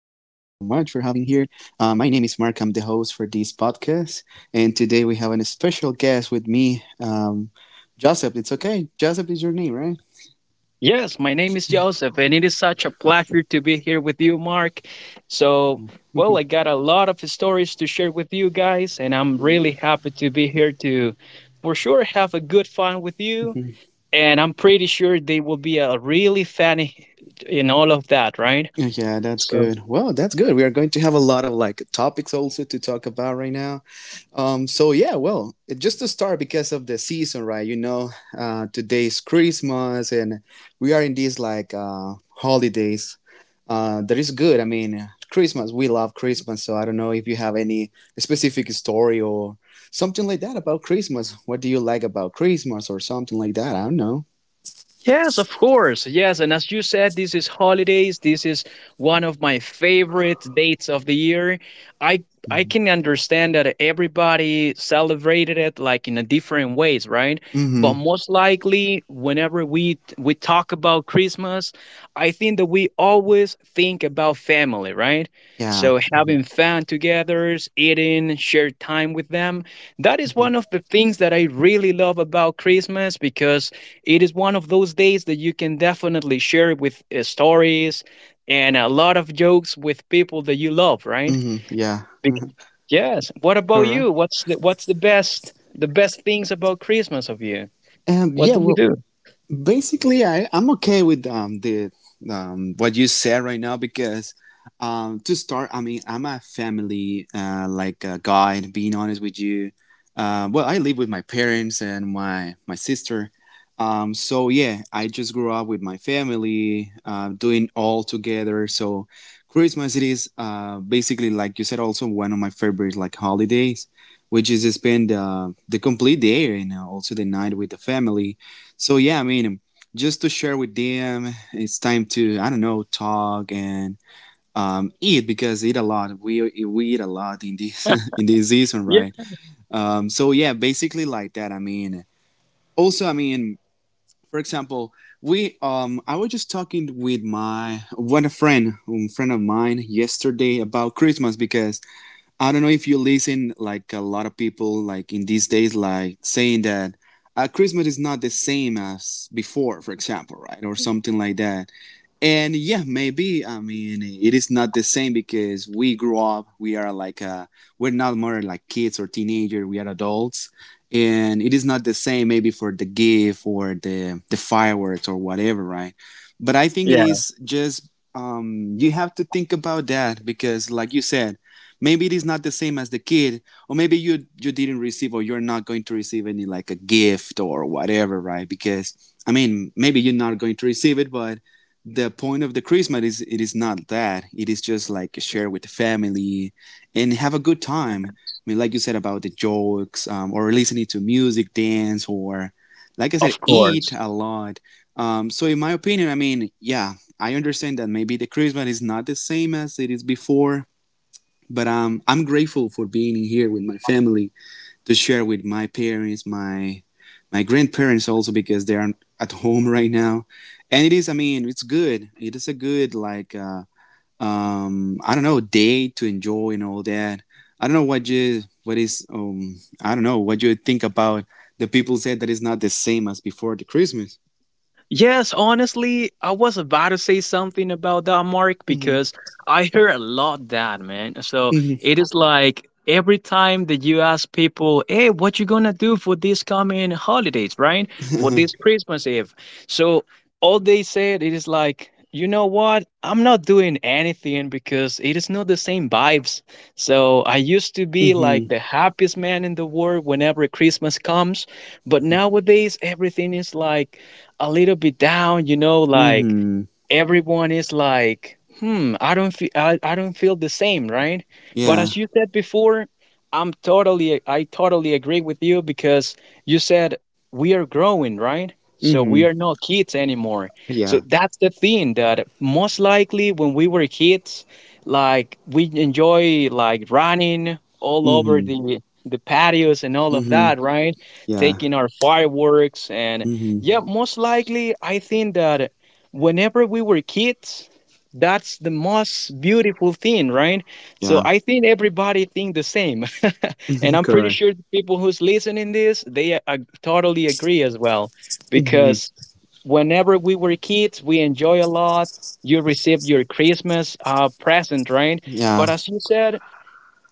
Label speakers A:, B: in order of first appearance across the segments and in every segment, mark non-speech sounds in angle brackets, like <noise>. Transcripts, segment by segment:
A: here. My name is Mark. I'm the host for this podcast, and today we have a special guest with me, Joseph. It's okay. Joseph is your name, right?
B: Yes, my name is Joseph, and it is such a pleasure to be here with you, Mark. So, I
A: <laughs>
B: got a lot of stories to share with you guys, and I'm really happy to be here to, for sure, have a good fun with you. And I'm pretty sure they will be a really funny in all of that, right?
A: Yeah, that's
B: So
A: good. Well, that's good. We are going to have a lot of like topics also to talk about right now. So yeah, well, just to start, because of the season, right? Today's Christmas, and we are in these like holidays. That is good. I mean, Christmas. We love Christmas. So I don't know if you have any specific story or something like that about Christmas. What do you like about Christmas or something like that? I don't know.
B: yes, of course. Yes. And as you said, this is holidays. This is one of my favorite dates of the year. I I can understand that everybody celebrated it like in a different ways, right? But
A: Mm-hmm.
B: most likely whenever we talk about Christmas, I think that we always think about family, right?
A: Yeah.
B: So having fun together, eating, share time with them. That is one of the things that I really love about Christmas because it is one of those days that you can definitely share with stories and a lot of jokes with people that you love, right?
A: Mm-hmm. Yeah.
B: Bec- Yes. What about
A: Correct.
B: you? What's the best things about Christmas of you? What
A: Yeah.
B: do you
A: Well,
B: do?
A: basically I'm okay with the what you said right now, because to start, I mean, I'm a family like a guide, being honest with you. Well, I live with my parents and my sister. So yeah, I just grew up with my family doing all together. So Christmas, it is basically, like you said, also one of my favorite like holidays, which is to spend the complete day and also the night with the family. So yeah, I mean, just to share with them, it's time to, I don't know, talk and eat, because eat a lot. We eat a lot in this <laughs> in this season,
B: Yeah.
A: right? So yeah, basically like that. I mean, also, I mean, for example, we I was just talking with friend of mine yesterday about Christmas, because I don't know if you listen like a lot of people like in these days like saying that Christmas is not the same as before, for example, right, or something like that. And yeah, maybe, I mean, it is not the same because we grew up, we are like, we're not more like kids or teenagers, we are adults. And it is not the same maybe for the gift or the fireworks or whatever, right? But I think it
B: Yeah,
A: is just, you have to think about that, because like you said, maybe it is not the same as the kid, or maybe you didn't receive or you're not going to receive any like a gift or whatever, right? Because I mean, maybe you're not going to receive it, but the point of the Christmas is, it is not that. It is just like share with the family and have a good time. I mean, like you said, about the jokes, or listening to music, dance, or like I said,
B: of
A: eat
B: course.
A: a lot. So in my opinion, I mean, yeah, I understand that maybe the Christmas is not the same as it is before, but I'm grateful for being here with my family, to share with my parents, my grandparents also, because they are at home right now. And it is, I mean, it's good. It is a good like I don't know day to enjoy and all that. I don't know what is I don't know what you think about the people said that it's not the same as before, the Christmas.
B: Yes, honestly, I was about to say something about that, Mark,
A: Mhm.
B: because I hear a lot that, man. So it
A: Mhm.
B: is like every time that you ask people, hey, what you gonna do for these coming holidays, right? For this Christmas Eve. So all they said it is like, you know what? I'm not doing anything because it is not the same vibes. So I used to be like
A: Mhm.
B: the happiest man in the world whenever Christmas comes, but nowadays everything is like a little bit down, you know, like
A: Mhm.
B: everyone is like, "Hmm, I don't feel I don't feel the same, right?" But
A: <laughs> Yeah.
B: as you said before, I totally agree with you because you said we are growing, right? So we
A: Mhm.
B: are not kids anymore. So
A: Yeah.
B: that's the thing that most likely when we were kids, like we enjoy like running all over
A: Mhm.
B: the patios and all of
A: Mhm.
B: that, right?
A: Yeah.
B: Taking our fireworks and yeah,
A: Mhm.
B: most likely, I think that whenever we were kids, that's the most beautiful thing, right? So
A: Yeah.
B: I think everybody think the same, <laughs> and I'm
A: <laughs>
B: pretty
A: Correct.
B: sure the people who's listening this they totally agree as well,
A: Mhm.
B: because whenever we were kids, we enjoy a lot. You receive your Christmas present, right? But
A: Yeah.
B: as you said,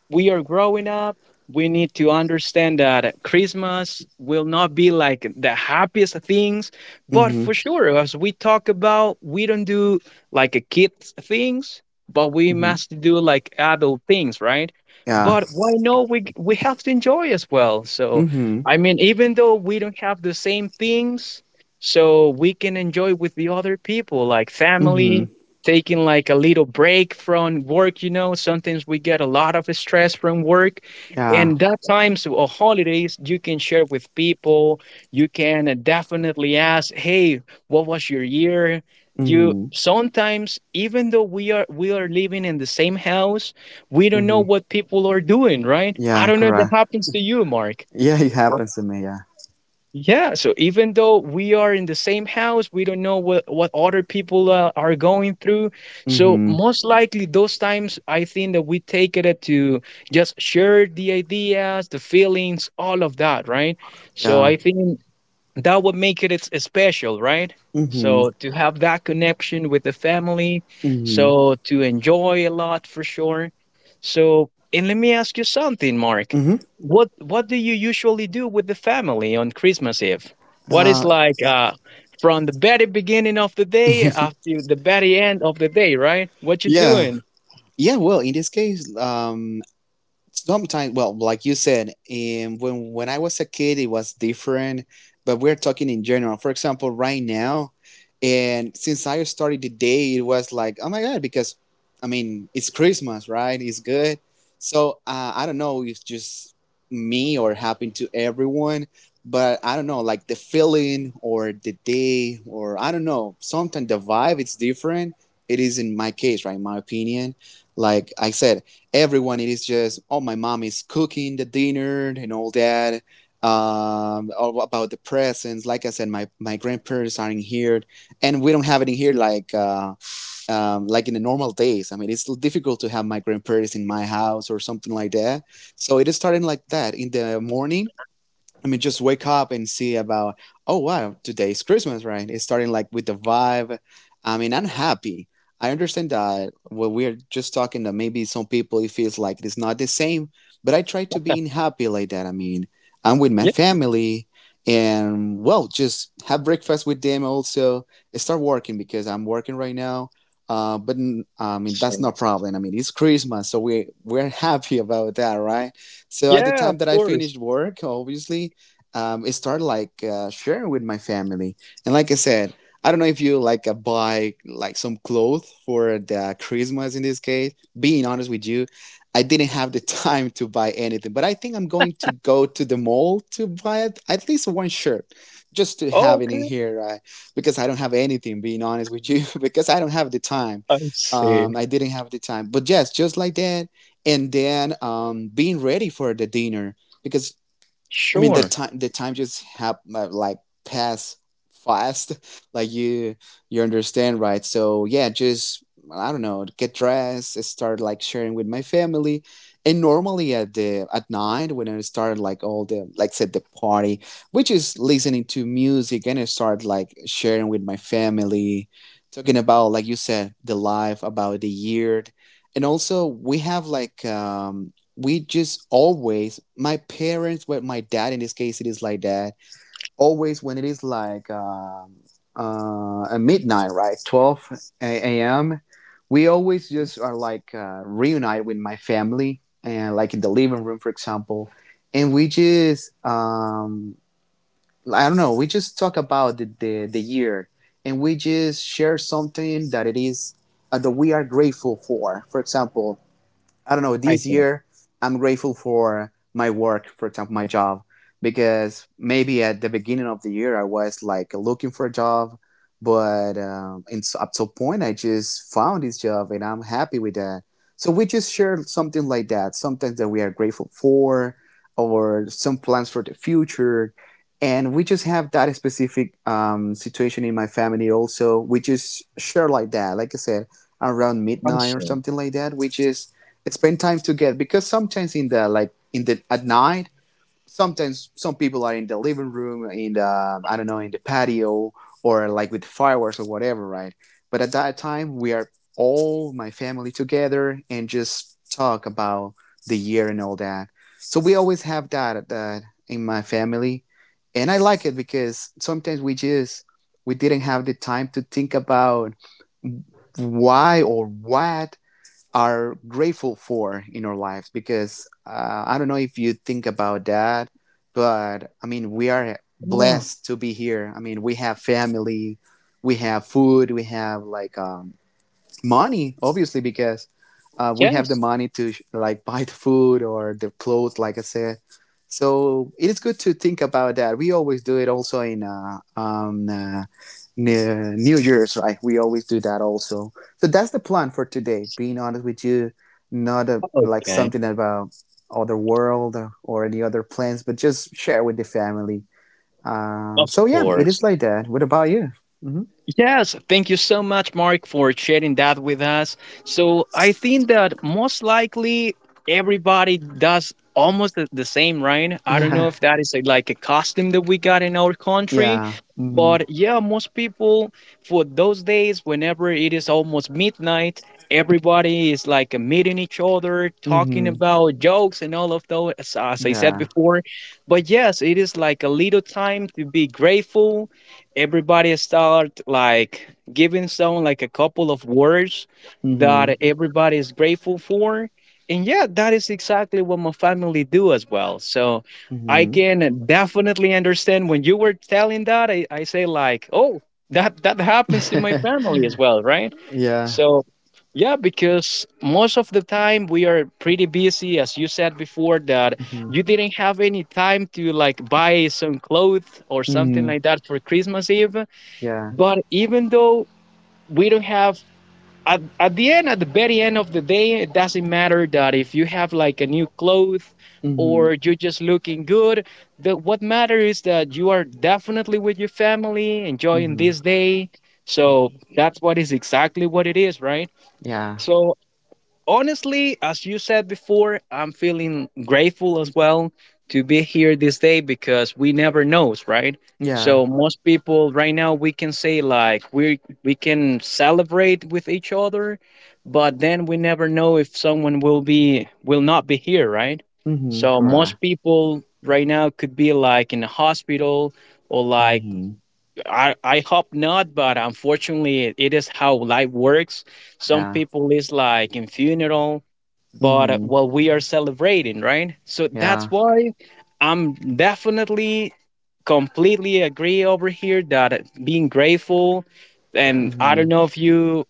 B: we are growing up. We need to understand that Christmas will not be like the happiest things, but
A: Mhm.
B: for sure, as we talk about, we don't do like a kids things, but we
A: Mhm.
B: must do like adult things, right?
A: Yeah.
B: But why not? We have to enjoy as well. So,
A: Mhm.
B: I mean, even though we don't have the same things, so we can enjoy with the other people, like
A: Mhm.
B: family, taking like a little break from work, you know, sometimes we get a lot of stress from work,
A: Yeah.
B: and that times or holidays you can share with people. You can definitely ask, hey, what was your year? You
A: Mhm.
B: sometimes, even though we are living in the same house, we don't know
A: Mhm.
B: what people are doing, right? I
A: Yeah.
B: don't know if that
A: Correct.
B: happens to you, Mark.
A: Yeah, it happens to me. Yeah.
B: Yeah, so even though we are in the same house, we don't know what other people are going through. So
A: Mhm.
B: most likely those times I think that we take it to just share the ideas, the feelings, all of that, right? So
A: Yeah.
B: I think that would make it it's special, right?
A: Mhm.
B: So to have that connection with the family,
A: Mhm.
B: so to enjoy a lot for sure. So, and let me ask you something, Mark.
A: Mhm.
B: What do you usually do with the family on Christmas Eve? What is
A: Uh.
B: like, from the very beginning of the day up to the very end of the day, right? What you
A: Yeah.
B: doing?
A: Yeah. Well, in this case, sometimes, well, like you said, when I was a kid it was different, but we're talking in general, for example, right now. And since I started the day, it was like, oh my God, because I mean, it's Christmas, right? It's good. So I don't know if it's just me or happened to everyone, but I don't know, like the feeling or the day or, I don't know, sometimes the vibe, it's different. It is, in my case, right, in my opinion, like I said, everyone, it is just, oh, my mom is cooking the dinner and all that, all about the presents, like I said. My grandparents are in here and we don't have it in here like in the normal days. I mean, it's difficult to have my grandparents in my house or something like that. So it started like that in the morning. I mean, just wake up and see about, oh wow, today's Christmas, right? It's starting like with the vibe. I mean, I'm happy. I understand that what we're just talking, that maybe some people, it feels like it's not the same, but I try to be happy like that. I mean, I'm with my
B: Yes.
A: family and, well, just have breakfast with them also. Start working, because I'm working right now. But I mean, that's no problem. I mean, it's Christmas, so we're happy about that, right? So at the
B: Yeah, of
A: time that I
B: course.
A: finished work, obviously, it started like sharing with my family. And like I said, I don't know if you like buy like some clothes for the Christmas in this case. Being honest with you, I didn't have the <laughs> time to buy anything, but I think I'm going to go to the mall to buy at least one shirt just to have it in
B: Okay,
A: here, because I don't have anything, being honest with you, <laughs> because I don't have the time.
B: I see.
A: I didn't have the time. But yes, just like that. And then, being ready for the dinner, because I mean, the
B: Sure.
A: time the time just hap like pass fast, <laughs> like you understand, right? So yeah, just, I don't know, get dressed, start like sharing with my family, and normally at the at night, when I start like all the like said the party, which is listening to music, and I start like sharing with my family, talking about, like you said, the life, about the year. And also, we have like we just always, my parents, well, my dad in this case, it is like that always, when it is like at midnight, right, 12 a.m, we always just are like reunite with my family and like in the living room, for example, and we just, I don't know, we just talk about the year, and we just share something that it is, that we are grateful for. For example, I don't know,
B: I
A: this year I'm grateful for my work, for example, my job, because maybe at the beginning of the year I was like looking for a job, but up to a point I just found this job and I'm happy with that. So we just share something like that, something that we are grateful for, or some plans for the future. And we just have that specific situation in my family also. We just share like that. Like I said, around
B: I
A: midnight or
B: see.
A: something like that, which is spend time together, because sometimes in the like in the at night, sometimes some people are in the living room, in the, I don't know, in the patio or like with fireworks or whatever, right? But at that time we are all my family together and just talk about the year and all that. So we always have that in my family, and I like it, because sometimes we didn't have the time to think about why or what are grateful for in our lives, because I don't know if you think about that, but I mean, we are
B: Yeah.
A: blessed to be here. I mean, we have family, we have food, we have like money, obviously, because we have the
B: Yes.
A: money to like buy the food or the clothes, like I said. So it is good to think about that. We always do it also in New Year's, right. We always do that also. So that's the plan for today, being honest with you, not like
B: Okay.
A: something about other world or any other plans, but just share with the family. um,
B: Of
A: so yeah, it is
B: course.
A: like that. What about you? Hmm.
B: Yes, thank you so much, Mark, for sharing that with us. So I think that most likely everybody does almost the same, right? I don't know
A: Yeah.
B: if that is a, like a custom that we got in our
A: <laughs>
B: country,
A: Yeah.
B: but yeah, most people for those days, whenever it is almost midnight, everybody is like meeting each other, talking
A: Hmm.
B: about jokes and all of those, as I said
A: Yeah.
B: before. But yes, it is like a little time to be grateful. Everybody start like giving someone like a couple of words
A: Mhm.
B: that everybody is grateful for, and yeah, that is exactly what my family do as well. So I
A: Mhm.
B: can definitely understand when you were telling that I say like, oh, that happens in my
A: <laughs>
B: family as well, right?
A: Yeah.
B: So yeah, because most of the time we are pretty busy, as you said before, that
A: Mhm.
B: you didn't have any time to like buy some clothes or something
A: Mhm.
B: like that for Christmas Eve.
A: Yeah.
B: But even though we don't have at the end, at the very end of the day, it doesn't matter that if you have like a new clothes
A: Mhm.
B: or you're just looking good. What matters is that you are definitely with your family, enjoying
A: Mhm.
B: this day. So that's what is exactly what it is, right?
A: Yeah.
B: So honestly, as you said before, I'm feeling grateful as well to be here this day because we never knows, right?
A: Yeah.
B: So most people right now we can say like we can celebrate with each other, but then we never know if someone will be, will not be here, right?
A: Mhm.
B: So most
A: Correct.
B: people right now could be like in a hospital or like
A: Mhm.
B: I hope not, but unfortunately, it is how life works. Some
A: Yeah.
B: people is like in funeral, but
A: Mhm.
B: what we are celebrating, right? So that's
A: Yeah.
B: why I'm definitely completely agree over here that being grateful, and I don't
A: Mhm.
B: know if you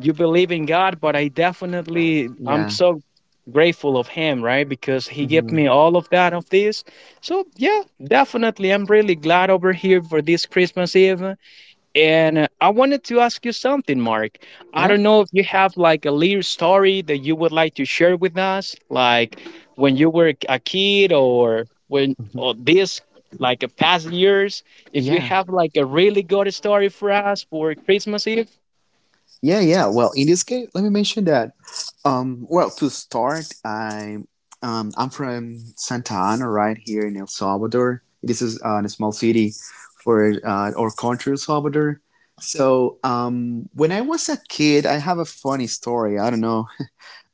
B: you believe in God, but I'm
A: Yeah.
B: so grateful of Him, right? Because He gave
A: Mhm.
B: me all of this, so yeah, definitely. I'm really glad over here for this Christmas Eve. And I wanted to ask you something, Mark. I
A: Yeah.
B: don't know if you have like a little story that you would like to share with us, like when you were a kid or when
A: Mhm.
B: or this like a past years. If you
A: Yeah.
B: have like a really good story for us for Christmas Eve.
A: Yeah, yeah. Well, in this case, let me mention that. Well, to start, I'm from Santa Ana, right here in El Salvador. This is a small city for our country, El Salvador. So, when I was a kid, I have a funny story. I don't know,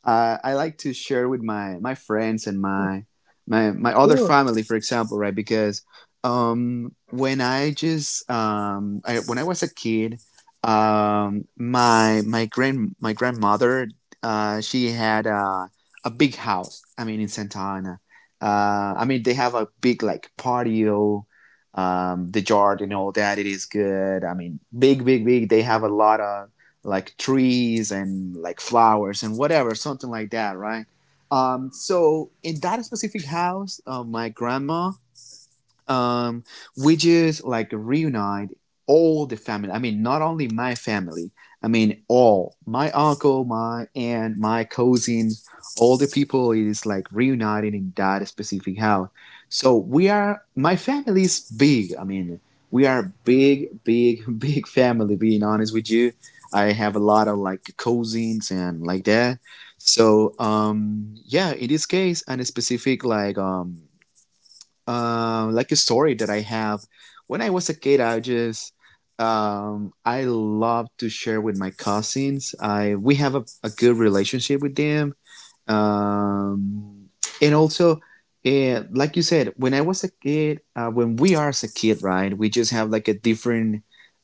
A: I like to share with my friends and my other family, for example, right? Because when I was a kid, my grandmother she had a big house. I mean, in Santa Ana. I mean, they have a big like patio, the yard and all that. It is good. I mean, big, big, big. They have a lot of like trees and like flowers and whatever, something like that, right? So in that specific house, my grandma, um, we just like reunite all the family. I mean, not only my family. I mean, all my uncle, my aunt, my cousin, all the people is like reunited in that specific house. So we are. My family is big. I mean, we are big, big, <laughs> big family. Being honest with you, I have a lot of like cousins and like that. So yeah, in this case, and a specific like a story that I have. When I was a kid, I loved to share with my cousins. I we have a good relationship with them, um, and also, like you said, when I was a kid, when we are as a kid, right? We just have like a different,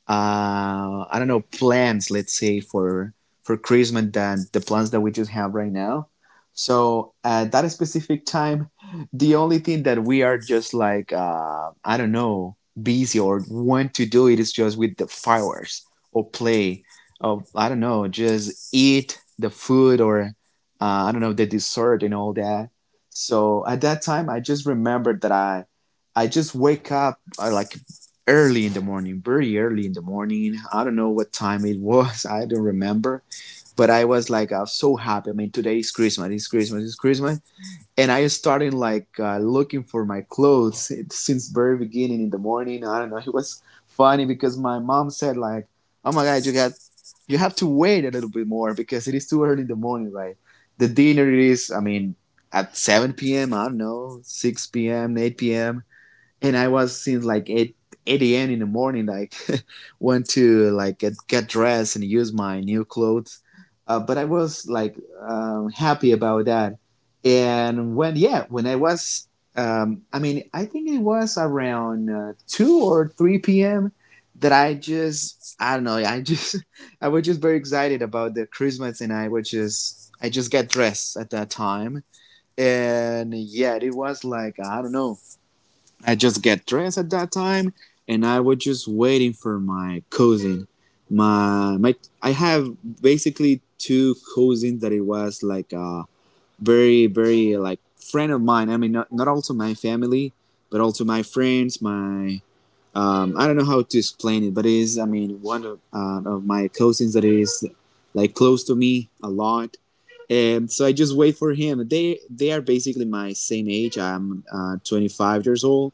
A: I don't know, plans, let's say, for Christmas than the plans that we just have right now. So at that specific time, the only thing that we are just like, I don't know, busy or want to do it is just with the fireworks or play or I don't know, just eat the food or I don't know, the dessert and all that. So at that time, I just remembered that I just wake up, like early in the morning, very early in the morning. I don't know what time it was. <laughs> I don't remember, but I was like, I was so happy. I mean, today is Christmas. It's Christmas. It's Christmas, and I started like, looking for my clothes since very beginning in the morning. I don't know. It was funny because my mom said like, "Oh my God, you have to wait a little bit more because it is too early in the morning, right? The dinner is, I mean, at 7 p.m. I don't know, 6 p.m., 8 p.m and I was since like 8, 8 a.m. in the morning, like <laughs> went to like get dressed and use my new clothes. But I was like, happy about that. And when yeah, I mean, I think it was around, two or three p.m. that I don't know, I just <laughs> I was just very excited about the Christmas, and I just got dressed at that time. And yeah, it was like I don't know, I just get dressed at that time, and I was just waiting for my cousin. My my, I have basically two cousins that it was like a very very like friend of mine. I mean, not also my family, but also my friends. My I don't know how to explain it, but it is, I mean, one of of my cousins that is like close to me a lot, and so I just wait for him. They are basically my same age. I'm 25 years old.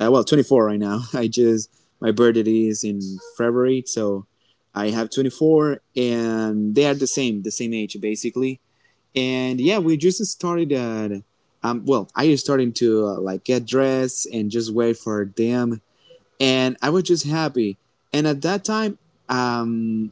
A: Well, 24 right now. <laughs> I just My birthday is in February, so I have 24, and they are the same age basically. And yeah, we just started. Well, I just started to, like get dressed and just wait for them, and I was just happy. And at that time, um,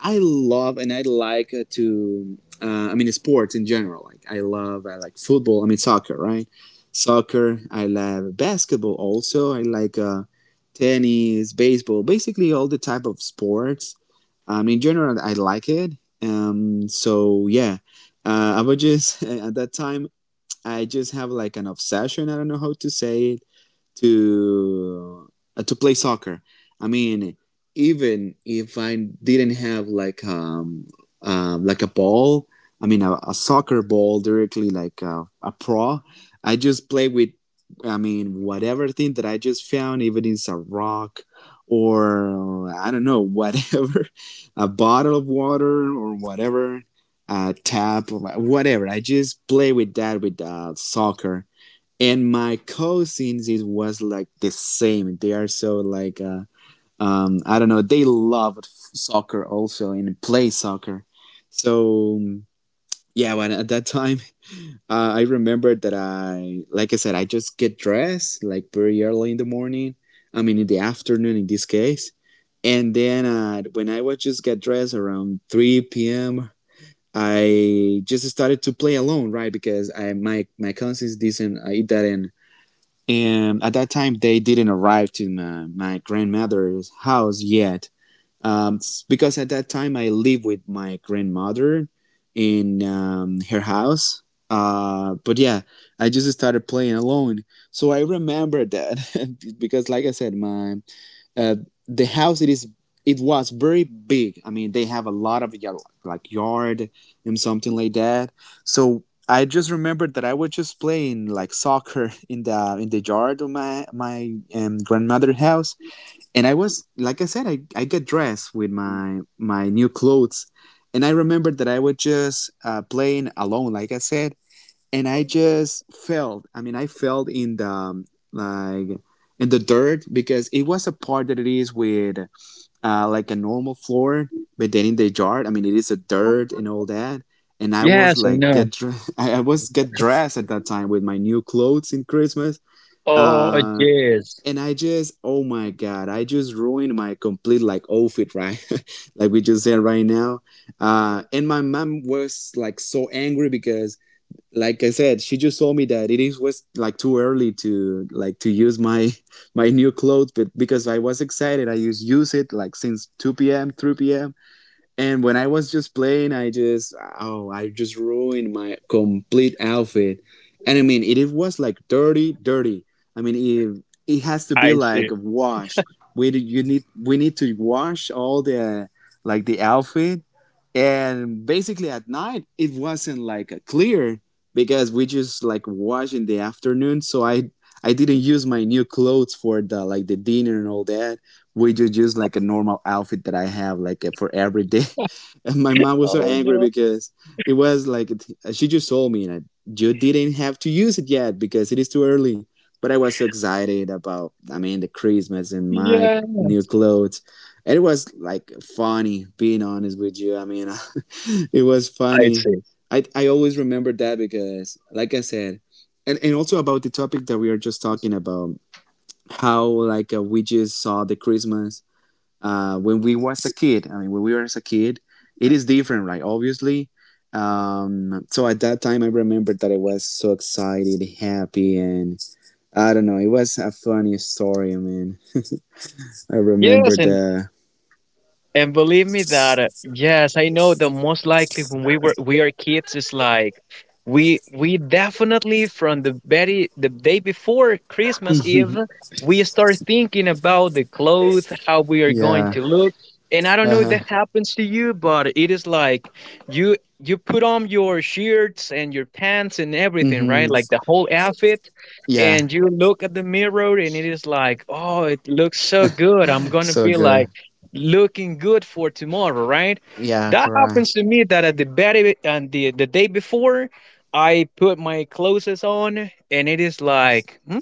A: I love and I like, to. I mean, sports in general. Like I love, I like football. I mean, soccer, right? Soccer. I love basketball. Also, I like, tennis, baseball. Basically, all the type of sports. In general, I like it. So yeah, I would just <laughs> at that time I just have like an obsession. I don't know how to say it to to play soccer. I mean, even if I didn't have like, like a ball, I mean a soccer ball directly like a pro, I just play with. I mean, whatever thing that I just found, even it's a rock or, I don't know, whatever, <laughs> a bottle of water or whatever, a tap, or whatever. I just play with that, with soccer, and my cousins, it was like the same. They are so like, I don't know, they love soccer also and play soccer. So yeah, but at that time, <laughs> I remember that, I like I said, I just get dressed like very early in the morning, I mean in the afternoon in this case. And then, when I was just get dressed around 3 p.m., I just started to play alone, right? Because I my my cousins didn't, I didn't and at that time, they didn't arrive to my grandmother's house yet. Um, because at that time, I lived with my grandmother in, her house. But yeah, I just started playing alone. So I remember that, <laughs> because, like I said, my uh, the house, it was very big. I mean, they have a lot of yard, like yard and something like that. So I just remembered that I was just playing like soccer in the yard of my grandmother's house, and I was like I said, I got dressed with my new clothes, and I remembered that I was just, playing alone, like I said, and I just fell. I mean, I fell in the like in the dirt because it was a part that it is with, like a normal floor, but then in the yard, I mean, it is a dirt and all that. And I was
B: Yes, I
A: like
B: know.
A: get dressed. <laughs> I was get dressed at that time with my new clothes in Christmas.
B: Oh,
A: Uh,
B: yes.
A: and I just, oh my god, I just ruined my complete like outfit, right? <laughs> Like we just said right now. And my mom was like so angry because, like I said, she just told me that it is was like too early to like to use my <laughs> my new clothes, but because I was excited, I just use it like since two p.m., three p.m. And when I was just playing, I just oh, I just ruined my complete outfit. And I mean, it was like dirty, dirty. I mean, it has to be
B: I see.
A: like a wash. We need to wash all the like the outfit. And basically at night, it wasn't like a clear because we just like wash in the afternoon. So I didn't use my new clothes for the like the dinner, and all that we do use like a normal outfit that I have like, for every day. <laughs> And my mom was so
B: Oh,
A: angry
B: no.
A: because it was like she just told me that you didn't have to use it yet because it is too early. But I was so excited about, I mean, the Christmas and my
B: Yeah,
A: new clothes. And it was like funny, being honest with you. I mean, <laughs> it was
B: I
A: funny.
B: see.
A: I always remember that because, like I said, and also about the topic that we are just talking about, how like, we just saw the Christmas, when we was a kid. I mean, when we were as a kid, it is different, right? Obviously. So at that time, I remembered that I was so excited, happy, and I don't know. It was a funny story. I mean, I remember
B: Yes,
A: the.
B: and believe me that yes, I know the most likely when we are kids is like we definitely from the very the day before Christmas Eve we start thinking about the clothes, how we are
A: <laughs>
B: going
A: Yeah.
B: to look. And I don't know if
A: Uh-huh.
B: that happens to you, but it is like you put on your shirts and your pants and everything, right?
A: Hmm.
B: Like the whole outfit
A: Yeah.
B: and you look at the mirror and it is like, oh, it looks so good. I'm gonna
A: So
B: be
A: good.
B: like looking good for tomorrow, right?
A: Yeah,
B: That
A: correct.
B: happens to me that at the very and the day before, I put my clothes on and it is like, hmm,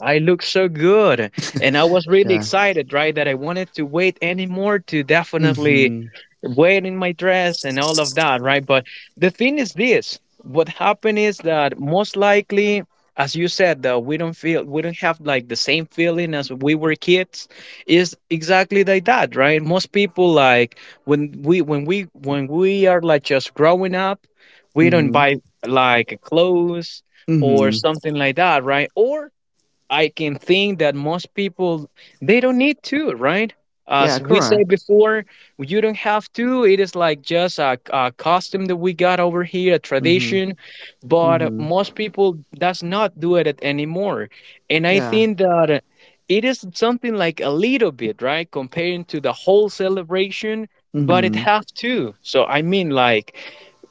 B: I look so good, and I was really
A: Yeah.
B: excited, right? That I wanted to wait anymore to definitely
A: Mm-hmm.
B: wear in my dress and all of that, right? But the thing is this: what happened is that most likely, as you said, that we don't have like the same feeling as we were kids is exactly like that, right? Most people like when we are like just growing up we don't
A: Mm-hmm.
B: buy like clothes or
A: Mm-hmm.
B: something like that, right? Or I can think that most people they don't need to, right?
A: Yeah,
B: As we
A: correct.
B: said before, you don't have to. It is like just a costume that we got over here, a
A: Mm-hmm.
B: tradition. But
A: Mm-hmm.
B: most people does not do it anymore, and I
A: Yeah.
B: think that it is something like a little bit, right, comparing to the whole celebration. But it
A: Mm-hmm.
B: have to. So I mean, like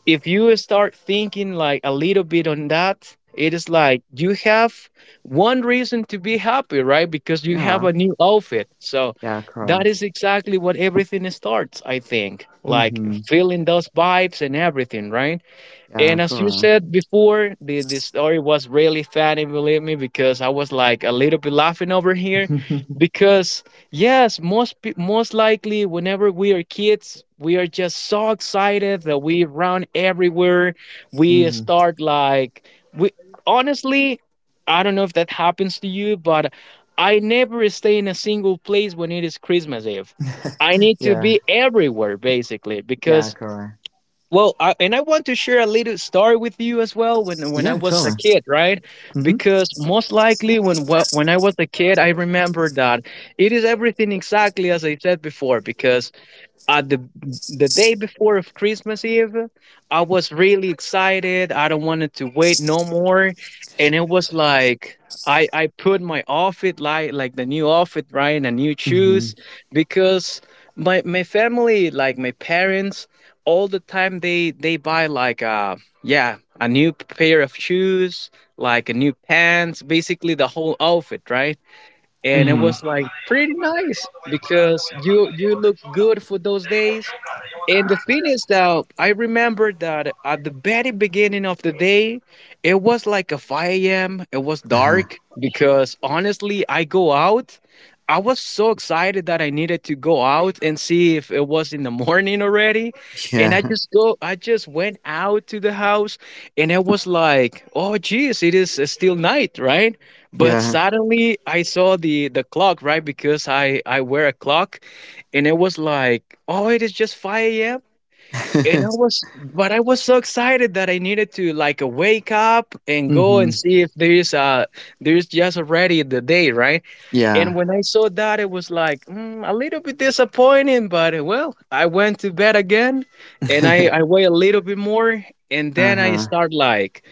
B: if you start thinking like a little bit on that, it is like you have one reason to be happy, right? Because you have
A: Yeah.
B: a new outfit. So
A: Yeah,
B: that
A: correct.
B: is exactly what everything starts, I think. Like
A: Mm-hmm.
B: feeling those vibes and everything, right?
A: Yeah,
B: And as you
A: correct.
B: said before, the story was really funny, believe me, because I was like a little bit laughing over here.
A: <laughs>
B: Because yes, most likely, whenever we are kids, we are just so excited that we run everywhere. We
A: Mm.
B: start like we honestly, I don't know if that happens to you, but I never stay in a single place when it is Christmas Eve. I need to
A: Yeah,
B: be everywhere basically
A: yeah,
B: because
A: correct.
B: and I want to share a little story with you as well. When I
A: Yeah,
B: was a
A: totally.
B: kid, right?
A: Mm-hmm.
B: Because most likely when I was a kid, I remember that it is everything exactly as I said before. Because uh, the the day before of Christmas Eve, I was really excited. I don't wanted to wait no more, and it was like I put my outfit like the new outfit, right? And a new
A: Mm-hmm.
B: shoes because my family, like my parents, all the time they buy like yeah a new pair of shoes, like a new pants, basically the whole outfit, right? And it
A: Mm-hmm.
B: was like pretty nice because you look good for those days. And the thing is that I remember that at the very beginning of the day, it was like a 5 a.m. It was
A: Uh-huh.
B: dark because honestly, I go out. I was so excited that I needed to go out and see if it was in the <laughs> morning already. And
A: Yeah,
B: I just went out to the house and it was like, oh geez, it is still night, right? But
A: yeah.
B: suddenly I saw the clock, right? Because I wear a clock and it was like, oh, it is just 5 a.m. And I
A: <laughs>
B: was but I was so excited that I needed to like wake up and go
A: Mm-hmm.
B: and see if there's just already the day, right? And
A: Yeah.
B: when I saw that, it was like a little bit disappointing, but well, I went to bed again and I wait a little bit more. And then I
A: Uh-huh.
B: start like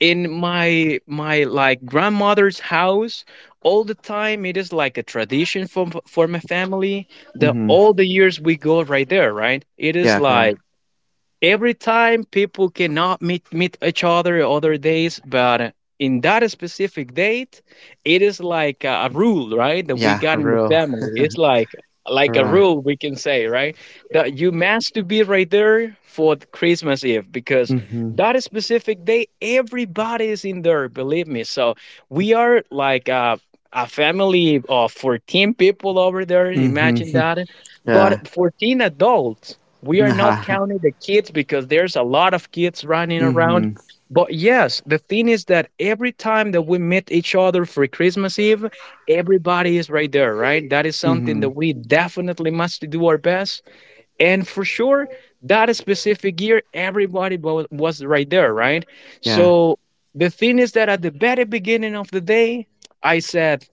B: in my grandmother's house. All the time it is like a tradition for my family that
A: Mm-hmm.
B: all the years we go right there, right? It is
A: Yeah,
B: like
A: correct.
B: every time people cannot meet each other other days, but in that specific date it is like a rule, right? That we
A: Yeah,
B: got in the
A: real.
B: family, it's like a
A: Correct.
B: rule, we can say, right? That you must to be right there for the Christmas Eve, because
A: Mm-hmm.
B: that specific day everybody is in there, believe me. So we are like a family of 14 people over there, imagine
A: Mm-hmm.
B: that. But
A: Yeah.
B: 14 adults, we are not
A: Uh-huh.
B: counting the kids because there's a lot of kids running around.
A: Mm-hmm.
B: But yes, the thing is that every time that we meet each other for Christmas Eve, everybody is right there, right? That is something that
A: Mm-hmm.
B: we definitely must do our best. And for sure, that specific year, everybody was right there, right?
A: Yeah.
B: So the thing is that at the very beginning of the day, I said,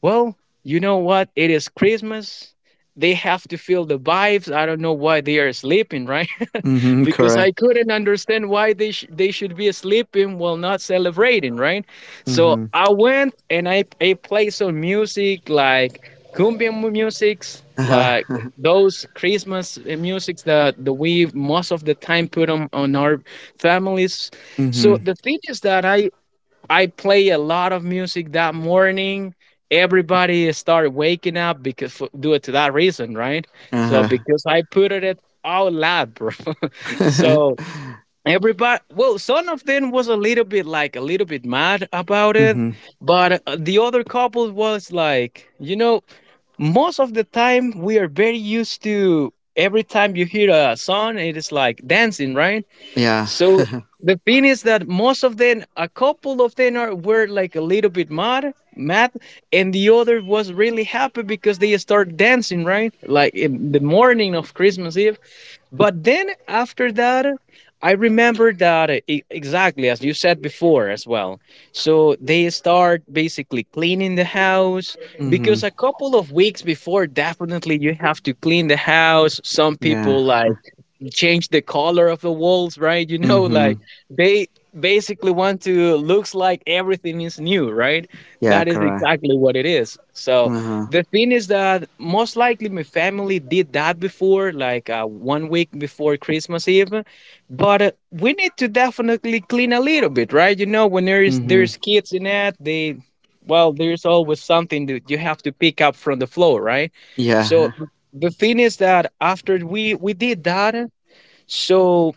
B: well, you know what? It is Christmas. They have to feel the vibes. I don't know why they are sleeping, right? <laughs>
A: Mm-hmm.
B: Because
A: Correct.
B: I couldn't understand why they should be sleeping while not celebrating, right? So
A: Mm-hmm.
B: I went and I played some music, like cumbia musics, like
A: Uh-huh.
B: those Christmas musics that the we most of the time put on our families. So
A: Mm-hmm.
B: the thing is that I play a lot of music that morning. Everybody started waking up because due to that reason, right? So
A: Uh-huh.
B: because I put it out loud, bro. <laughs>
A: <laughs>
B: So everybody, well, some of them was a little bit mad about it,
A: Mm-hmm.
B: but the other couple was like, you know, most of the time we are very used to every time you hear a song, it is like dancing, right?
A: Yeah.
B: So
A: <laughs>
B: the thing is that most of them, a couple of them are were like a little bit mad, and the other was really happy because they start dancing, right? Like in the morning of Christmas Eve. But then after that, I remember that exactly as you said before as well. So they start basically cleaning the house because a
A: Mm-hmm.
B: couple of weeks before, definitely you have to clean the house. Some
A: Yeah.
B: people like change the color of the walls, right? <laughs> You know,
A: Mm-hmm.
B: like they basically want to looks like everything is new, right?
A: Yeah,
B: That is
A: correct.
B: exactly what it is. So
A: Uh-huh.
B: the thing is that most likely my family did that before, like one week before Christmas Eve. But we need to definitely clean a little bit, right? You know, when
A: Mm-hmm.
B: there's kids in it, they, well, there's always something that you have to pick up from the floor, right? So
A: Yeah.
B: the thing is that after we did that, so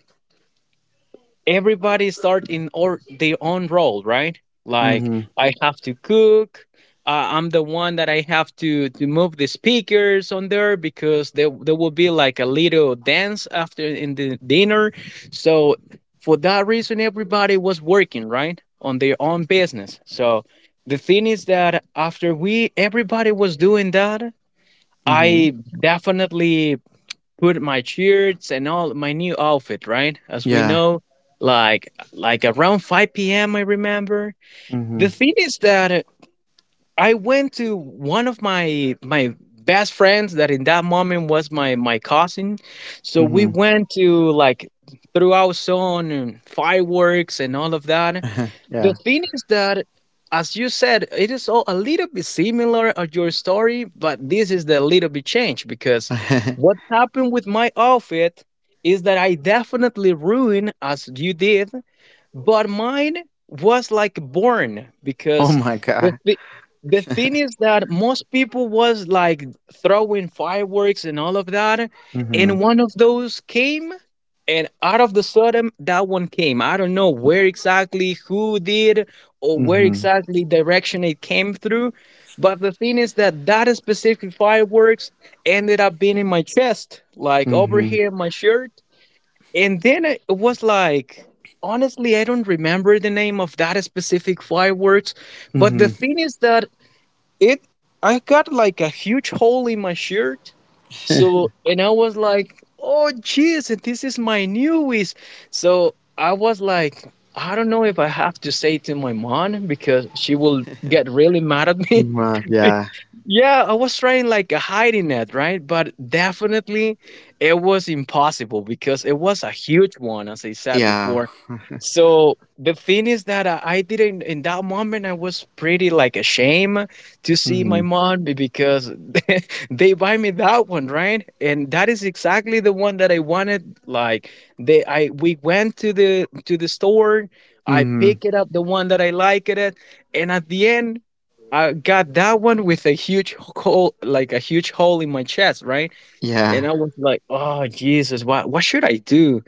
B: everybody start in or their own role, right? Like
A: Mhm.
B: I have to cook. I'm the one that I have to move the speakers on there because there will be like a little dance after in the dinner. So for that reason, everybody was working right on their own business. So the thing is that after we everybody was doing that,
A: Mhm.
B: I definitely put my shirts and all my new outfit, right? As we
A: Yeah.
B: know, like around 5 p.m. I remember.
A: Mhm.
B: The thing is that I went to one of my best friends that in that moment was my cousin. So we
A: Mhm.
B: went to like throw out some fireworks and all of that.
A: <laughs>
B: The
A: Yeah.
B: thing is that, as you said, it is all a little bit similar of your story, but this is the little bit change because
A: <laughs>
B: what happened with my outfit is that I definitely ruined as you did, but mine was like born
A: Oh
B: because
A: my
B: the
A: god.
B: thi- the thing is that most people was like throwing fireworks and all of that,
A: Mhm.
B: and one of those came. And out of the sudden, that one came, I don't know where exactly who did or where
A: Mhm.
B: exactly direction it came through, but the thing is that that specific fireworks ended up being in my chest, like over
A: Mhm.
B: here in my shirt. And then it was like, honestly, I don't remember the name of that specific fireworks, but the
A: Mhm.
B: thing is that it I got like a huge hole in my shirt. So and I was like, oh jeez, this is my newies. So I was like, I don't know if I have to say it to my mom because she will get really mad at me. <laughs>
A: Yeah.
B: Yeah, I was trying like a hiding it, right? But definitely it was impossible because it was a huge one, as I said
A: Yeah.
B: before. So the thing is that I didn't, in that moment, I was pretty like ashamed to see my
A: Mhm.
B: mom because <laughs> they buy me that one, right? And that is exactly the one that I wanted. Like we went to the store. I
A: Mhm.
B: picked it up, the one that I liked it. And at the end, I got that one with a huge hole, like a huge hole in my chest, right? And
A: Yeah.
B: I was like, "Oh Jesus, what should I do?"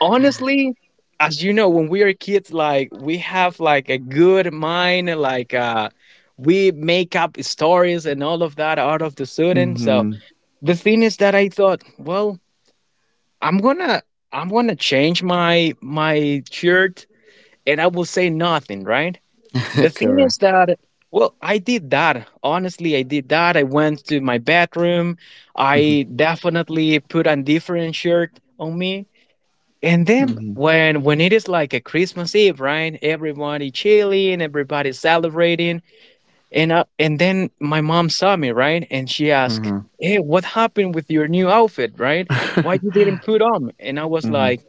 B: Honestly, as you know, when we are kids, like we have like a good mind, like we make up stories and all of that out of the sudden. So
A: Mhm.
B: the thing is that I thought, well, I'm gonna I'm gonna change my shirt, and I will say nothing, right? The
A: <laughs>
B: thing
A: Correct.
B: is that, well, I did that. Honestly, I did that. I went to my bathroom.
A: Mhm.
B: I definitely put a different shirt on me. And then
A: Mhm.
B: when it is like a Christmas Eve, right? Everybody chilling, everybody celebrating, and and then my mom saw me, right? And she asked,
A: Uh-huh.
B: "Hey, what happened with your new outfit, right? Why
A: <laughs>
B: you didn't put on?" And I was
A: Mhm.
B: like,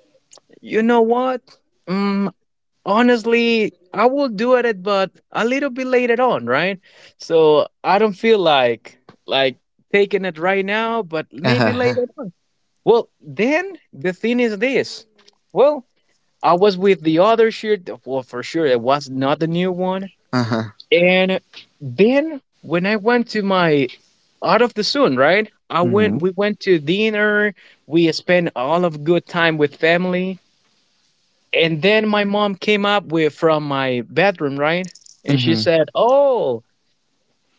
B: "You know what? Mm, Honestly, I will do it but a little bit later on, right? So I don't feel like like taking it right now, but maybe
A: Uh-huh.
B: later on." Well, then the thing is this, well, I was with the other shirt. Well, for sure it was not the new one.
A: Uh-huh.
B: And then when I went to my out of the sun, right? I went
A: Mhm.
B: We went to dinner. We spent all of good time with family. And then my mom came up with from my bedroom, right? And she
A: Mhm.
B: said, "Oh,"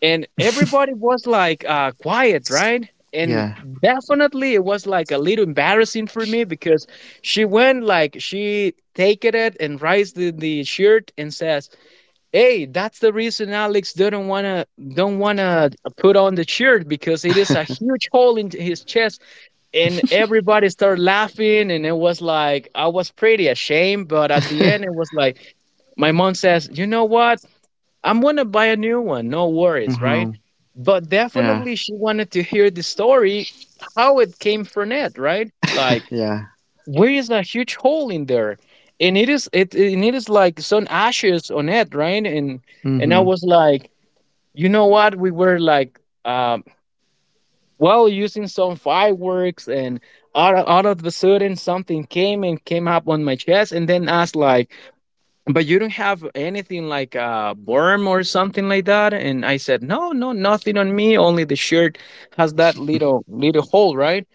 B: and everybody was like quiet, right? And
A: Yeah.
B: definitely it was like a little embarrassing for me because she went like she taken it and raised the shirt and says, "Hey, that's the reason Alex didn't wanna don't wanna put on the shirt, because it is a huge hole in his chest." And everybody started laughing, and it was like I was pretty ashamed, but at the end it was like my mom says, "You know what? I'm gonna buy a new one. No worries, right?"
A: Mhm.
B: But
A: Yeah.
B: definitely she wanted to hear the story how it came from it, right? Like
A: Yeah.
B: there is a huge hole in there, and it is like some ashes on it, right? And I
A: Mhm.
B: was like, you know what, we were like um well, using some fireworks and out of the sudden something came and came up on my chest. And then asked like, but you don't have anything like a worm or something like that? And I said, no, no, nothing on me. Only the shirt has that little hole, right?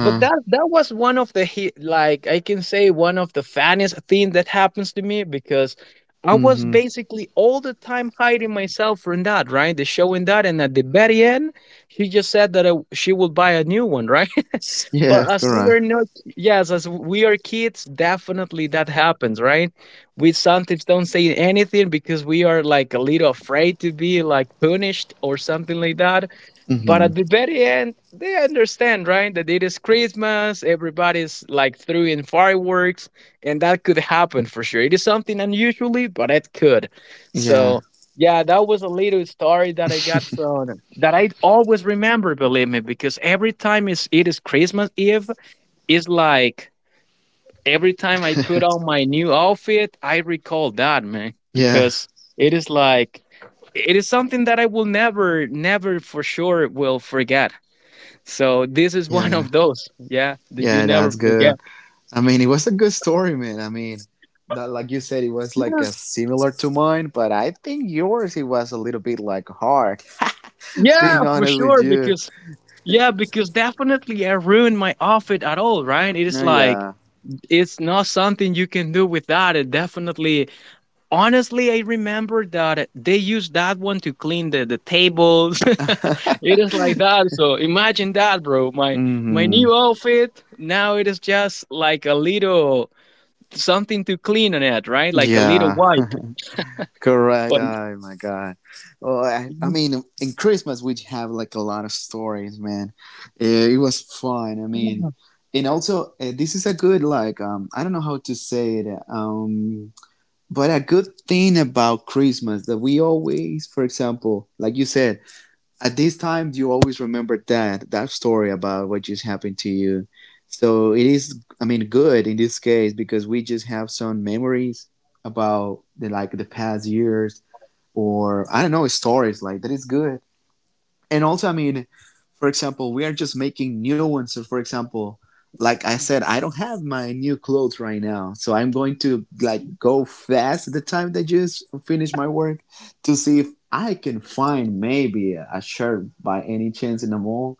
B: But that was one of the like I can say one of the funniest thing that happens to me, because I was
A: Mhm.
B: basically all the time hiding myself from that, right? The showing that, and at the very end, she just said that she would buy a new one, right?
A: Yeah.
B: But as we
A: Correct.
B: are not, yes, as we are kids, definitely that happens, right? We sometimes don't say anything because we are like a little afraid to be like punished or something like that. But
A: Mhm.
B: at the very end, they understand, right? That it is Christmas, everybody's like throwing fireworks, and that could happen for sure. It is something unusually, but it could.
A: Yeah.
B: So yeah, that was a little story that I got from that I always remember, believe me, because every time it is Christmas Eve, it's like every time I put
A: <laughs>
B: on my new outfit, I recall that, man,
A: Yeah.
B: because it is like it is something that I will never, never for sure will forget. So this is one
A: Yeah.
B: of those, yeah, that you
A: Yeah,
B: never
A: that's
B: forget.
A: good. I mean, it was a good story, man. I mean, that, like you said, it was like,
B: Yeah,
A: similar to mine, but I think yours it was a little bit like hard. <laughs>
B: yeah,
A: Being
B: for
A: honest with
B: sure,
A: you,
B: because yeah, because definitely I ruined my outfit at all, right? It is
A: oh
B: like
A: yeah.
B: it's not something you can do with that. It definitely, honestly, I remember that they used that one to clean the tables. <laughs>
A: <laughs>
B: It is like that. So imagine that, bro. My
A: hmm
B: new outfit now it is just like a little something to clean on it, right? Like a little
A: Yeah,
B: wipe.
A: <laughs> correct.
B: But
A: Oh my god. Oh, I mean,
B: <laughs>
A: in Christmas we have like a lot of stories, man. It was fun. I mean, and also this is a good like I don't know how to say it. But a good thing about Christmas that we always, for example, like you said, at this time you always remember that story about what just happened to you. So it is, I mean, good in this case because we just have some memories about the like the past years or I don't know stories like that is good, and also I mean for example we are just making new ones. So for example like I said, I don't have my new clothes right now, so I'm going to like go fast the time that I just finish my work to see if I can find maybe a shirt by any chance in the mall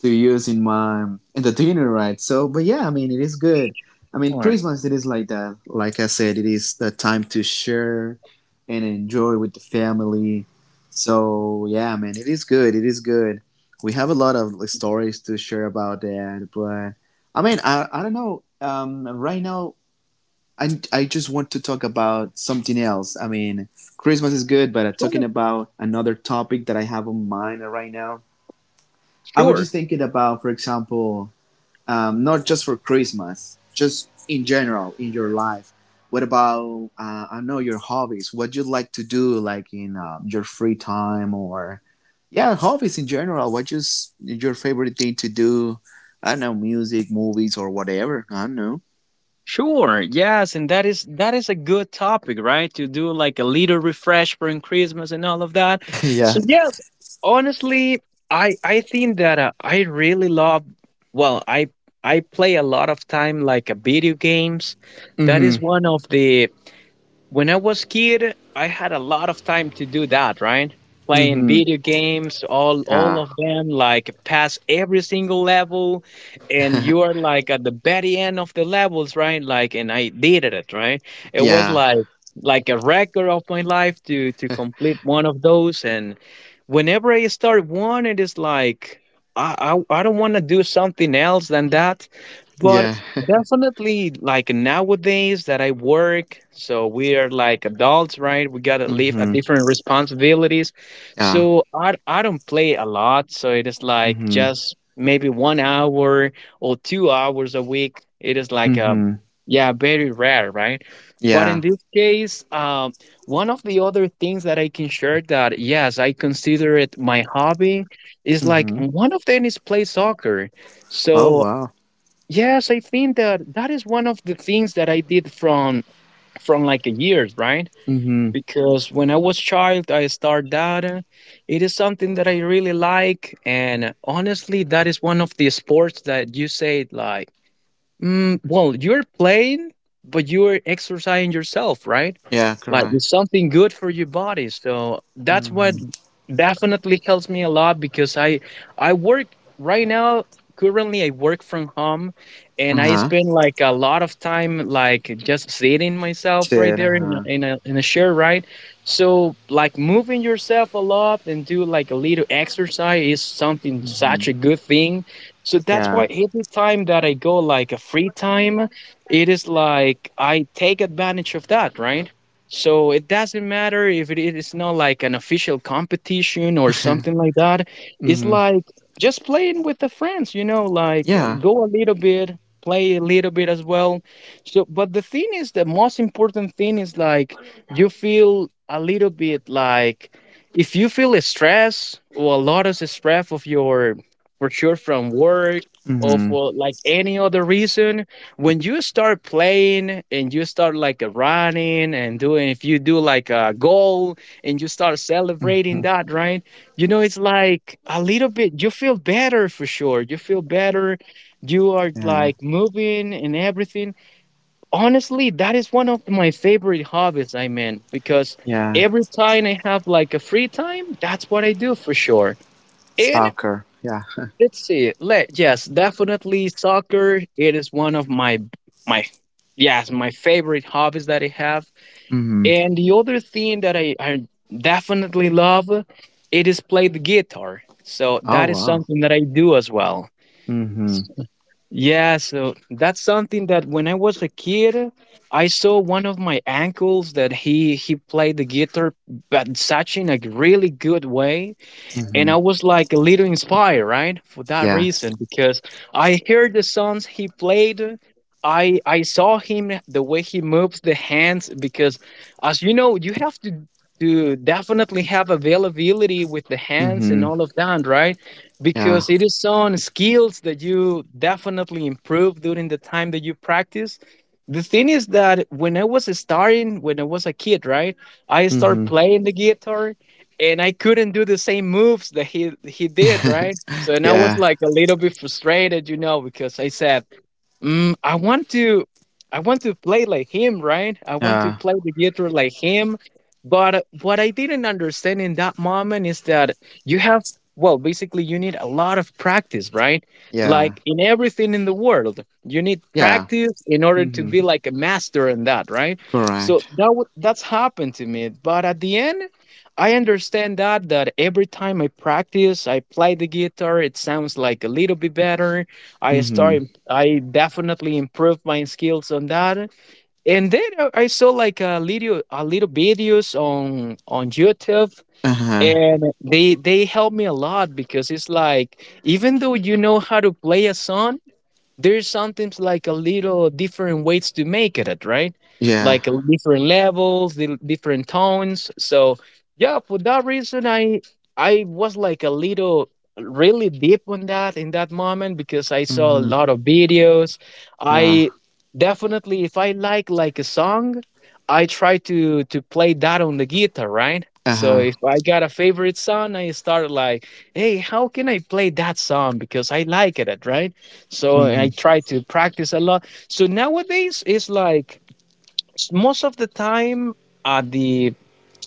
A: to use in my in the dinner, right? So, but yeah, I mean, it is good. I mean,
B: sure,
A: Christmas it is like that. Like I said, it is the time to share and enjoy with the family. So yeah, man, it is good. It is good. We have a lot of like stories to share about that, but I mean, I don't know. Right now, I just want to talk about something else. I mean, Christmas is good, but I'm talking about another topic that I have on mind right now. I was
B: sure.
A: just thinking about, for example, not just for Christmas, just in general in your life. What about I know your hobbies? What you like to do, like in your free time, or yeah, hobbies in general. What just your favorite thing to do? I don't know, music, movies, or whatever. I don't know.
B: Sure. Yes, and that is a good topic, right? To do like a little refresh for Christmas and all of that.
A: <laughs>
B: So
A: Yeah.
B: yes, honestly, I think that I really love. Well, I play a lot of time like video games. That
A: Mhm.
B: is one of the when I was kid, I had a lot of time to do that, right? Playing
A: Mhm.
B: video games, all
A: Yeah.
B: of them, like pass every single level, and you are like at the very end of the levels, right? Like, and I did it, right? It was
A: Yeah.
B: like a record of my life to complete one of those, and whenever I start one, it is like I I don't want to do something else than that. But
A: Yeah. <laughs>
B: definitely, like nowadays that I work, so we are like adults, right? We gotta live a
A: Mhm.
B: different responsibilities.
A: Yeah.
B: So I don't play a lot, so it is like
A: Mhm.
B: just maybe 1 hour or 2 hours a week. It is like a
A: Mhm.
B: yeah, very rare, right? But in
A: Yeah.
B: this case, one of the other things that I can share that yes, I consider it my hobby is like
A: Mhm.
B: one of them is play soccer.
A: Oh
B: So
A: wow.
B: yes, I think that that is one of the things that I did from like a years, right?
A: Mhm.
B: Because when I was child, I started that. It is something that I really like, and honestly, that is one of the sports that you say like, mm, well, you're playing, but you're exercising yourself, right?
A: Yeah.
B: Like
A: Correct.
B: it's something good for your body. So that's what
A: Mhm.
B: definitely helps me a lot, because I work right now, currently I work from home, and I
A: Uh-huh.
B: spend like a lot of time like just sitting myself right
A: Did,
B: there in a,
A: huh?
B: in a chair, right? So like moving yourself a lot and do like a little exercise is something
A: hmm
B: such a good thing. So that's
A: Yeah.
B: why every time that I go like a free time, it is like I take advantage of that, right? So it doesn't matter if it is not like an official competition or something
A: <laughs>
B: like that. It's
A: hmm
B: like just playing with the friends, you know, like
A: Yeah.
B: go a little bit, play a little bit as well. So, but the thing is, the most important thing is like you feel a little bit like if you feel stress or a lot of stress of your for sure from work or
A: hmm
B: for like any other reason, when you start playing and you start like running and doing, if you do like a goal and you start celebrating
A: hmm
B: that, right? You know, it's like a little bit you feel better. For sure you feel better, you are
A: Yeah.
B: like moving and everything. Honestly, that is one of my favorite hobbies, I mean, because
A: Yeah.
B: every time I have like a free time, that's what I do for sure. And
A: Soccer. Yeah.
B: let's see. Let Yes, definitely soccer. It is one of my yes my favorite hobbies that I have.
A: hmm
B: And the other thing that I definitely love, it is play the guitar. So
A: Oh,
B: that is
A: wow.
B: something that I do as well.
A: hmm
B: Yeah, so that's something that when I was a kid, I saw one of my uncles that he played the guitar, but such in a really good way, and
A: hmm
B: I was like a little inspired, right? For that
A: Yeah.
B: reason, because I heard the songs he played. I saw him the way he moves the hands, because, as you know, you have to definitely have availability with the hands and
A: hmm
B: all of that, right?
A: Yeah.
B: Because it is on skills that you definitely improve during the time that you practice. The thing is that when I was starting, when I was a kid, right, I started
A: hmm
B: playing the guitar, and I couldn't do the same moves that he did, right? So
A: <laughs>
B: and I was
A: yeah.
B: like a little bit frustrated, you know, because I said, mm, I want to play like him, right? I want to
A: Yeah.
B: play the guitar like him. But what I didn't understand in that moment is that you have, well, basically you need a lot of practice, right?
A: Yeah.
B: Like in everything in the world, you need
A: Yeah.
B: practice in order to
A: hmm
B: be like a master in that, right? So
A: Correct.
B: that's happened to me, but at the end I understand that every time I practice, I play the guitar, it sounds like a little bit better. I
A: hmm
B: start I definitely improved my skills on that. And then I saw like a little videos on YouTube,
A: Uh-huh.
B: and they helped me a lot, because it's like even though you know how to play a song, there's sometimes like a little different ways to make it, right?
A: Yeah.
B: Like different levels, the different tones. So yeah, for that reason, I was like a little really deep on that in that moment, because I saw a
A: hmm
B: lot of videos.
A: Yeah.
B: I definitely, if I like a song, I try to play that on the guitar, right? So
A: Uh-huh.
B: if I got a favorite song, I start like, hey, how can I play that song because I like it, right? So I
A: hmm
B: try to practice a lot. So nowadays it's like most of the time at the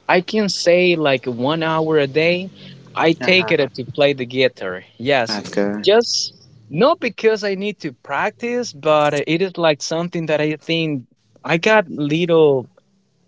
B: I can say like 1 hour a day I take
A: Uh-huh.
B: it to play the guitar. Yes.
A: That's good.
B: Just not because I need to practice, but it is like something that I think I got little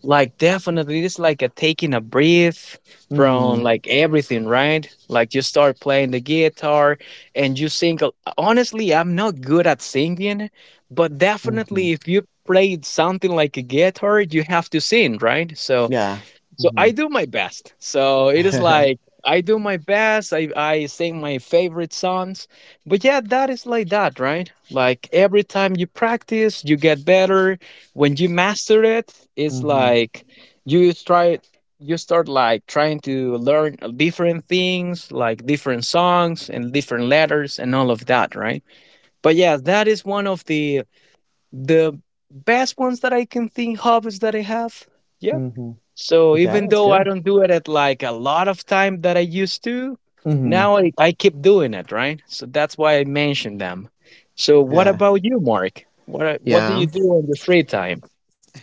B: like, definitely, it's like a taking a breath
A: hmm
B: from like everything, right? Like you start playing the guitar and you sing. Honestly, I'm not good at singing, but
A: hmm
B: definitely if you play something like a guitar, you have to sing, right? So
A: Yeah.
B: so
A: hmm
B: I do my best. So it is like I do my best. I sing my favorite songs. But yeah, that is like that, right? Like every time you practice, you get better. When you master it, it's
A: hmm
B: like you try you start like trying to learn different things, like different songs and different letters and all of that, right? But yeah, that is one of the best ones that I can think of is that I have. Yeah.
A: hmm <laughs>
B: So
A: Yeah,
B: even
A: that's
B: though I
A: good.
B: don't do it at like a lot of time that I used to,
A: hmm
B: now I keep doing it, right? So that's why I mentioned them. So what
A: Yeah,
B: about you, Mark? What do you
A: yeah,
B: do on your free time?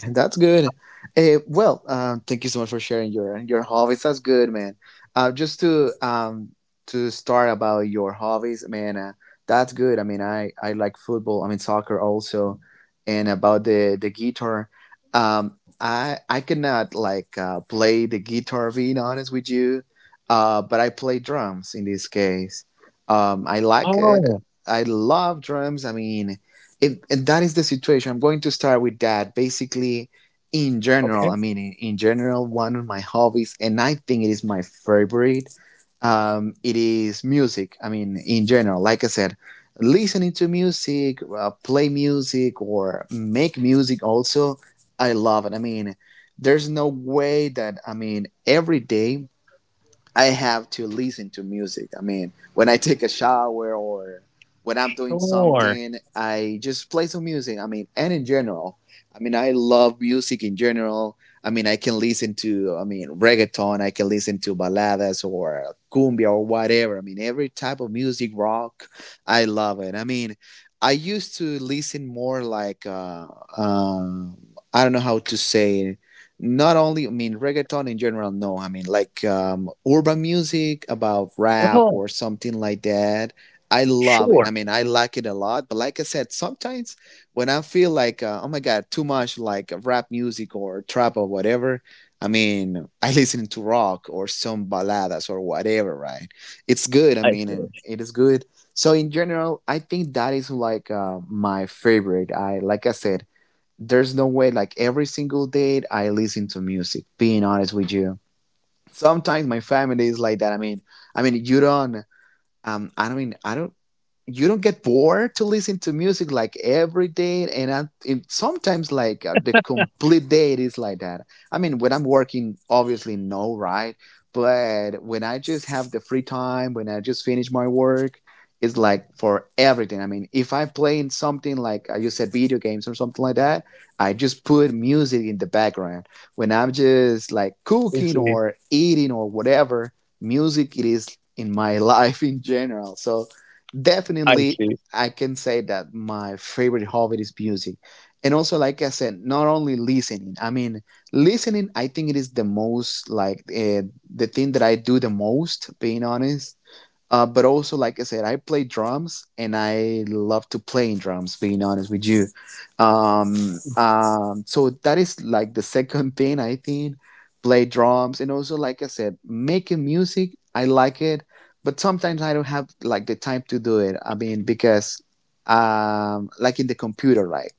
A: that's good. Thank you so much for sharing your hobbies. That's good, man. Just to start about your hobbies, man. That's good. I mean, I like football. I mean, soccer also, and about the guitar. I cannot like play the guitar. Being honest with you, but I play drums in this case. I like it.
B: Oh,
A: I love drums. I mean, it, and that is the situation. I'm going to start with that. Basically, in general,
B: okay,
A: I mean, in general, one of my hobbies, and I think it is my favorite, it is music. I mean, in general, like I said, listening to music, play music, or make music also, I love it. I mean, there's no way that, I mean, every day I have to listen to music. I mean, when I take a shower or when I'm doing
B: sure.
A: something, I just play some music. I mean, and in general, I mean, I love music in general. I mean, I can listen to, I mean, reggaeton, I can listen to baladas or cumbia or whatever. I mean, every type of music, rock, I love it. I mean, I used to listen more like, um, I don't know how to say it, not only I mean reggaeton in general, no, I mean like urban music about rap
B: Oh,
A: or something like that. I love it. I
B: sure.
A: mean, I like it a lot, but like I said sometimes when I feel like oh my god, too much like rap music or trap or whatever, I mean I <laughs> listen to rock or some baladas or whatever, right? It's good. I
B: I
A: mean,
B: see.
A: and it is good. So in general, I think that is like my favorite. I like I said, there's no way, like every single day I listen to music, being honest with you. Sometimes my family is like that. I mean, I mean you don't I don't mean, I don't, you don't get bored to listen to music like every day. And I, and sometimes like the complete day it is like that. I mean when I'm working obviously no, right? But when I just have the free time, when I just finish my work, it's like for everything. I mean if I'm playing something like you said video games or something like that, I just put music in the background. When I'm just like
B: I
A: cooking
B: see.
A: or eating or whatever, music it is in my <laughs> life in general. So
B: I
A: definitely
B: see.
A: I can say that my favorite hobby is music. And also, like I said, not only listening. I mean, listening, I think it is the most, like, the thing that I do the most, being honest but also, like I said, I play drums and I love to play in drums, being honest with you. So that is like the <laughs> second thing I think, play drums. And also, like I said, making music, I like it, but sometimes I don't have like the time to do it. I mean, because, like in the computer, right?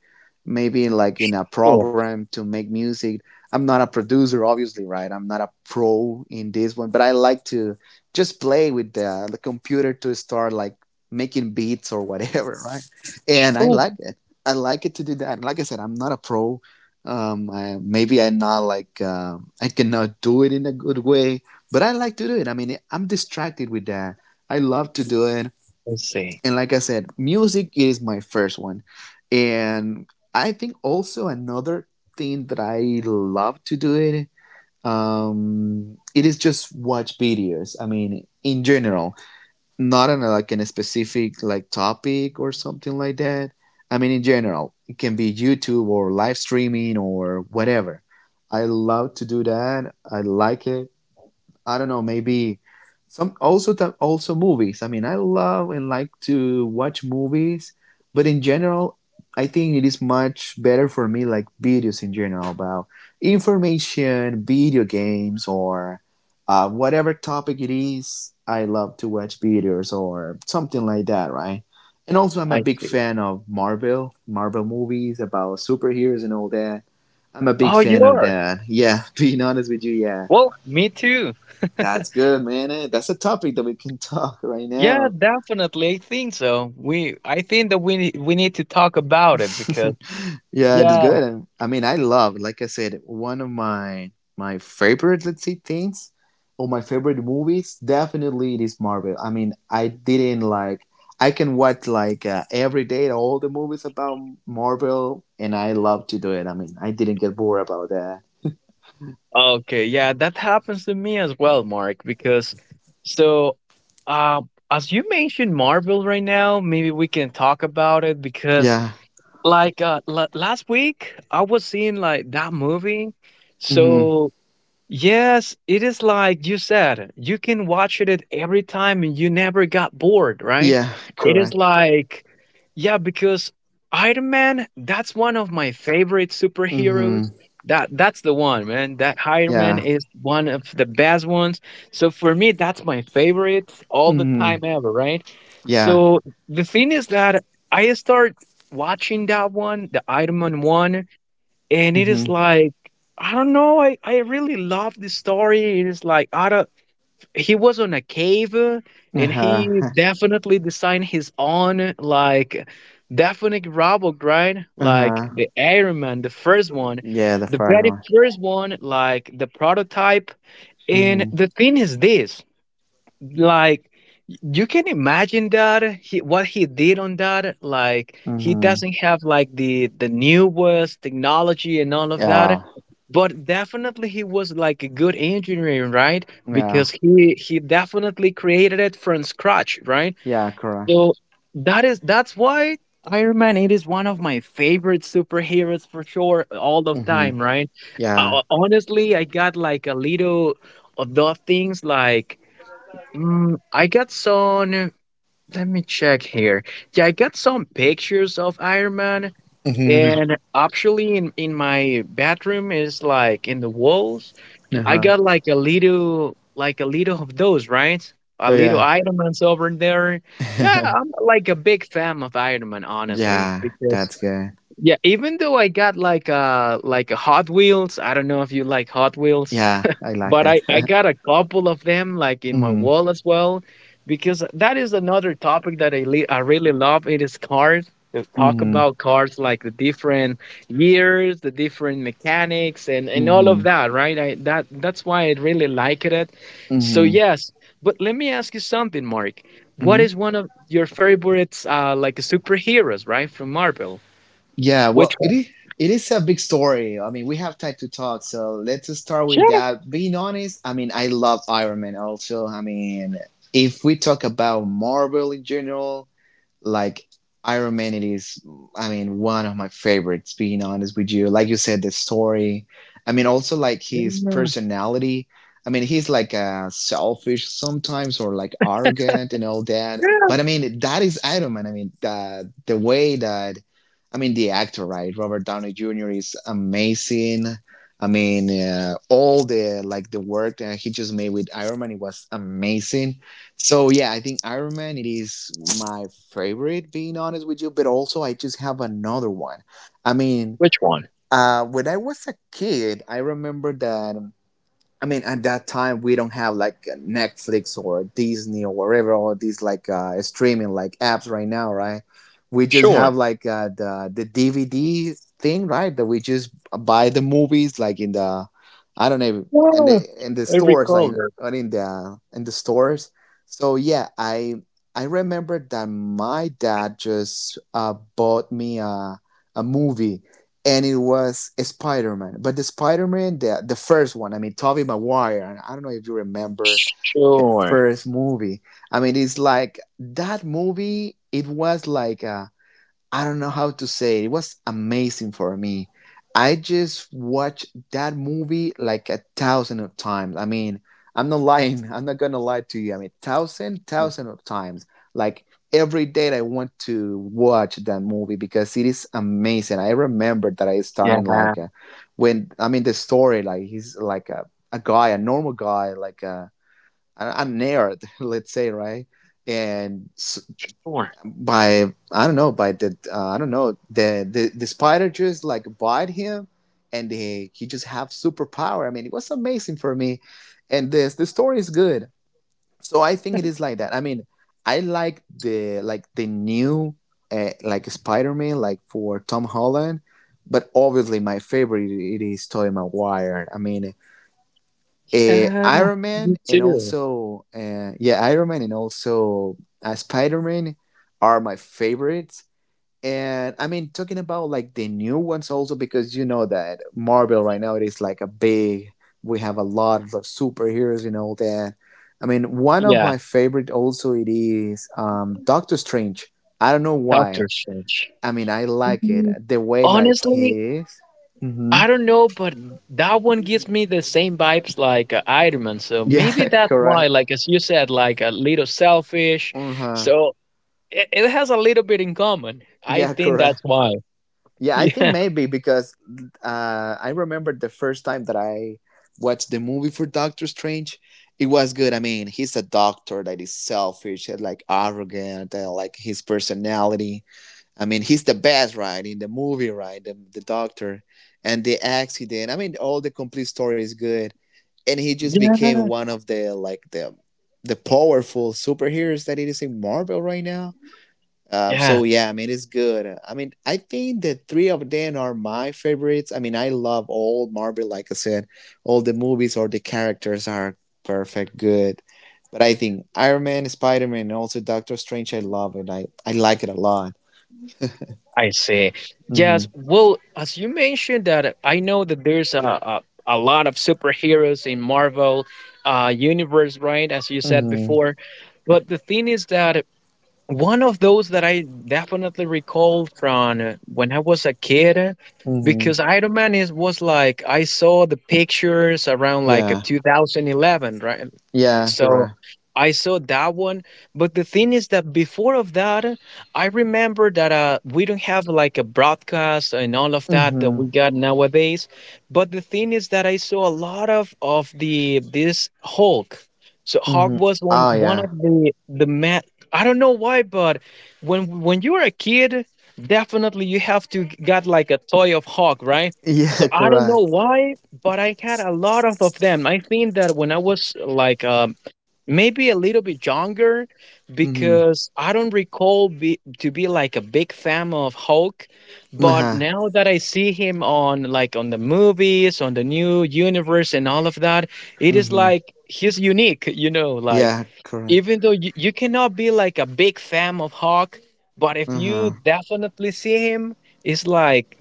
A: Maybe like in a
B: Oh,
A: program to make music. I'm not a producer, obviously, right? I'm not a pro in this one, but I like to just play with the computer to start like making beats or whatever, <laughs> right? And I
B: oh,
A: like it. I like it to do that. Like I said, I'm not a pro. Maybe I'm not like I cannot do it in a good way, but I like to do it. I mean, I'm distracted with that. I love to do it,
B: I see.
A: and like I said, music is my first one, and I think also another thing that I love to do it it is just watch videos. I mean, in general, not on a, like in a specific like topic or something like that. I mean, in general, it can be YouTube or live streaming or whatever. I love to do that. I like it. I don't know, maybe some also movies. I mean, I love and like to watch movies, but in general, I think it is much better for me like videos in general about information, video games, or whatever topic it is. I love to watch videos or something like that, right? And also, I'm a
B: I
A: big
B: see.
A: fan of Marvel, Marvel movies about superheroes and all that. I'm a big
B: Oh,
A: fan
B: you
A: of
B: are.
A: that. <laughs> Yeah, being honest with you, yeah.
B: Well, me too.
A: That's good, man. That's a topic that we can <laughs> talk right
B: Yeah,
A: now.
B: definitely. I think so. We I think that we need to talk about it because,
A: Yeah, it's
B: yeah.
A: good. I mean, I love, like I said, one of my favorite, let's say, things or my favorite movies. Definitely, it is Marvel. I mean, I didn't like. I can watch like every day all the movies about Marvel, and I love to do it. I mean, I didn't get bored about that.
B: Okay, yeah, that happens to me as well, Mark, because so, uh, as you mentioned Marvel right now, maybe we can talk about it because
A: Yeah.
B: like, la last week I was seeing like that movie.
A: hmm
B: So yes, it is like you said, you can watch it at every time and you never got bored, right?
A: Yeah.
B: It is
A: Correct.
B: like, yeah, because Iron Man, that's one of my favorite
A: hmm
B: superheroes. That's the one, man. That Iron Man
A: Yeah.
B: is one of the best ones. So for me, that's my favorite all the time
A: hmm
B: ever, right?
A: Yeah.
B: So the thing is that I start watching that one, the Iron Man one, and it is
A: hmm
B: like, I don't know, I really love this story. It is like, I don't he was on a cave,
A: Uh
B: and he
A: huh.
B: definitely designed his own, like, definite robot, right?
A: Uh
B: Like,
A: huh.
B: the
A: <laughs>
B: Iron Man, the first one,
A: Yeah, the
B: the
A: first
B: very
A: one.
B: first one, like, the prototype. And
A: Mm-hmm.
B: the thing is this. Like, you can imagine that what he did on that. Like, he
A: Mm-hmm.
B: doesn't have like the newest technology and all of that,
A: Yeah.
B: but definitely he was like a good engineer, right?
A: Yeah.
B: Because he definitely created it from scratch, right?
A: Yeah, correct.
B: So that's why Iron Man it is one of my favorite superheroes for sure all of
A: Mm-hmm.
B: time, right?
A: Yeah.
B: Honestly, I got like a little of those things like I got some. Let me check here. Yeah, I got some pictures of Iron Man,
A: Mm-hmm.
B: and actually, in my bathroom is like in the walls. I
A: Uh-huh.
B: got like a little of those, right? A
A: Oh,
B: little
A: yeah.
B: Iron Man's over there. Yeah, I'm like a big fan of Iron Man, honestly,
A: Yeah,
B: because
A: that's good.
B: yeah, even though I got like a Hot Wheels. I don't know if you like Hot Wheels,
A: Yeah, I like
B: but I,
A: it.
B: I got
A: <laughs>
B: a couple of them like in my
A: Mm-hmm.
B: wall as well, because that is another topic that I really love. It is cars. To talk
A: Mm-hmm.
B: about cars, like the different years, the different mechanics, and all
A: Mm-hmm.
B: of that, right? I, that that's why I really like it. So
A: Mm-hmm.
B: yes, but let me ask you something, Mark. What is
A: Mm-hmm.
B: one of your favorites, like, superheroes, right, from Marvel?
A: Yeah,
B: Which
A: well,
B: one?
A: it is a big story. I mean, we have time to talk, so let's start with
B: Sure.
A: that. Being honest, I mean, I love Iron Man also. I mean, if we talk about Marvel in general, like Iron Man, it is, I mean, one of my favorites, being honest with you. Like you said, the story. I mean, also like his
B: Yeah.
A: personality. I mean, he's like selfish sometimes or like arrogant and all that.
B: Yeah,
A: But I mean, that is Iron Man. I mean, the way that, I mean, the actor, right? Robert Downey Jr. is amazing. I mean, all the, like the work that he just made with Iron Man, it was amazing. So yeah, I think Iron Man it is my favorite, being honest with you. But also, I just have another one. I mean,
B: which one?
A: when I was a kid, I remember that. I mean, at that time, we don't have like Netflix or Disney or whatever, all these like streaming like apps right now, right? We just
B: Sure.
A: have like the DVD thing, right? That we just buy the movies like in the, I don't know, in
B: Yeah.
A: the
B: I
A: stores,
B: recall.
A: like or in the stores. So yeah, I remember that my dad just bought me a movie and it was Spider Man. But the Spider Man, the first one, I mean, Tobey Maguire. And I don't know if you remember the
B: Sure.
A: first movie. I mean, it's like that movie. It was like a. I don't know how to say it. It was amazing for me. I just watched that movie like 1,000 of times. I mean, I'm not lying. <laughs> I'm not gonna lie to you. I mean, thousand, thousand of times. Like every day, I want to watch that movie because it is amazing. I remember that I started,
B: Yeah.
A: like, when, I mean, the story. Like he's like a guy, a normal guy, like a nerd, <laughs> let's say, right? And
B: Sure.
A: by, I don't know, by the I don't know, the spider just like bite him and he just have superpower. I mean, it was amazing for me, and this the story is good. So I think it is like that. I mean, I like the, like the new like Spider Man like for Tom Holland, but obviously my favorite it is Tobey Maguire. I mean,
B: Yeah.
A: Iron Man
B: Me
A: and
B: too.
A: also, yeah, Iron Man and also Spider Man are my favorites. And I mean, talking about like the new ones also, because you know that Marvel right now it is like a big, we have a lot of superheroes and all that. I mean, one of
B: Yeah.
A: my favorite also it is, Doctor Strange. I don't know why.
B: Doctor Strange.
A: I mean, I like it
B: Mhm.
A: the way like
B: Honestly,
A: he is. Hmm.
B: I don't know, but that one gives me the same vibes like Iron Man. So maybe
A: Yeah, <laughs>
B: that's why,
A: correct.
B: like as you said, like a little selfish.
A: Uh-huh.
B: So it has a little bit in common. I
A: Yeah,
B: think
A: correct.
B: that's why. <laughs>
A: Yeah, I think
B: Yeah.
A: maybe because, I remember the first time that I watched the movie for Doctor Strange. It was good. I mean, he's a doctor that is selfish and like arrogant and like his personality. I mean, he's the best, right, in the movie, right? The doctor and the accident. I mean, all the complete story is good. And he just
B: Yeah.
A: became one of the, like, the powerful superheroes that it is in Marvel right now. um,
B: Yeah.
A: so yeah, I mean it's good. I mean, I think the three of them are my favorites. I mean, I love all Marvel. Like I said, all the movies or the characters are perfect, good. But I think Iron Man, Spider Man, and also Doctor Strange, I love it. I like it a lot.
B: I see. Yes.
A: Mhm,
B: Well, as you mentioned that, I know that there's a lot of superheroes in Marvel universe, right? As you said
A: mhm,
B: before. But the thing is that one of those that I definitely recall from when I was a kid,
A: mhm.
B: because Iron Man is was like I saw the pictures around like a
A: Yeah,
B: 2011, right?
A: yeah,
B: So
A: correct.
B: I saw that one, but the thing is that before of that, I remember that we don't have like a broadcast and all of that that
A: Mhm,
B: we got nowadays. But the thing is that I saw a lot of the this Hulk. So Hulk
A: mhm.
B: was one
A: Oh
B: one
A: yeah,
B: of the ma I don't know why, but when you were a kid, definitely you have to got like a toy of hawk, right? So
A: yeah, <laughs>
B: I don't know
A: correct.
B: why, but I had a lot of them. I think that when I was like maybe a little bit younger,
A: Mhm,
B: because I don't recall to be like a big fan of Hulk,
A: uh-huh.
B: but now that I see him on like on the movies, on the new universe and all of that, it is
A: Mhm.
B: like he's unique, like
A: Yeah, correct.
B: even though you cannot be like a big fan of Hulk, but if
A: Uh
B: you
A: huh.
B: definitely see him, it's like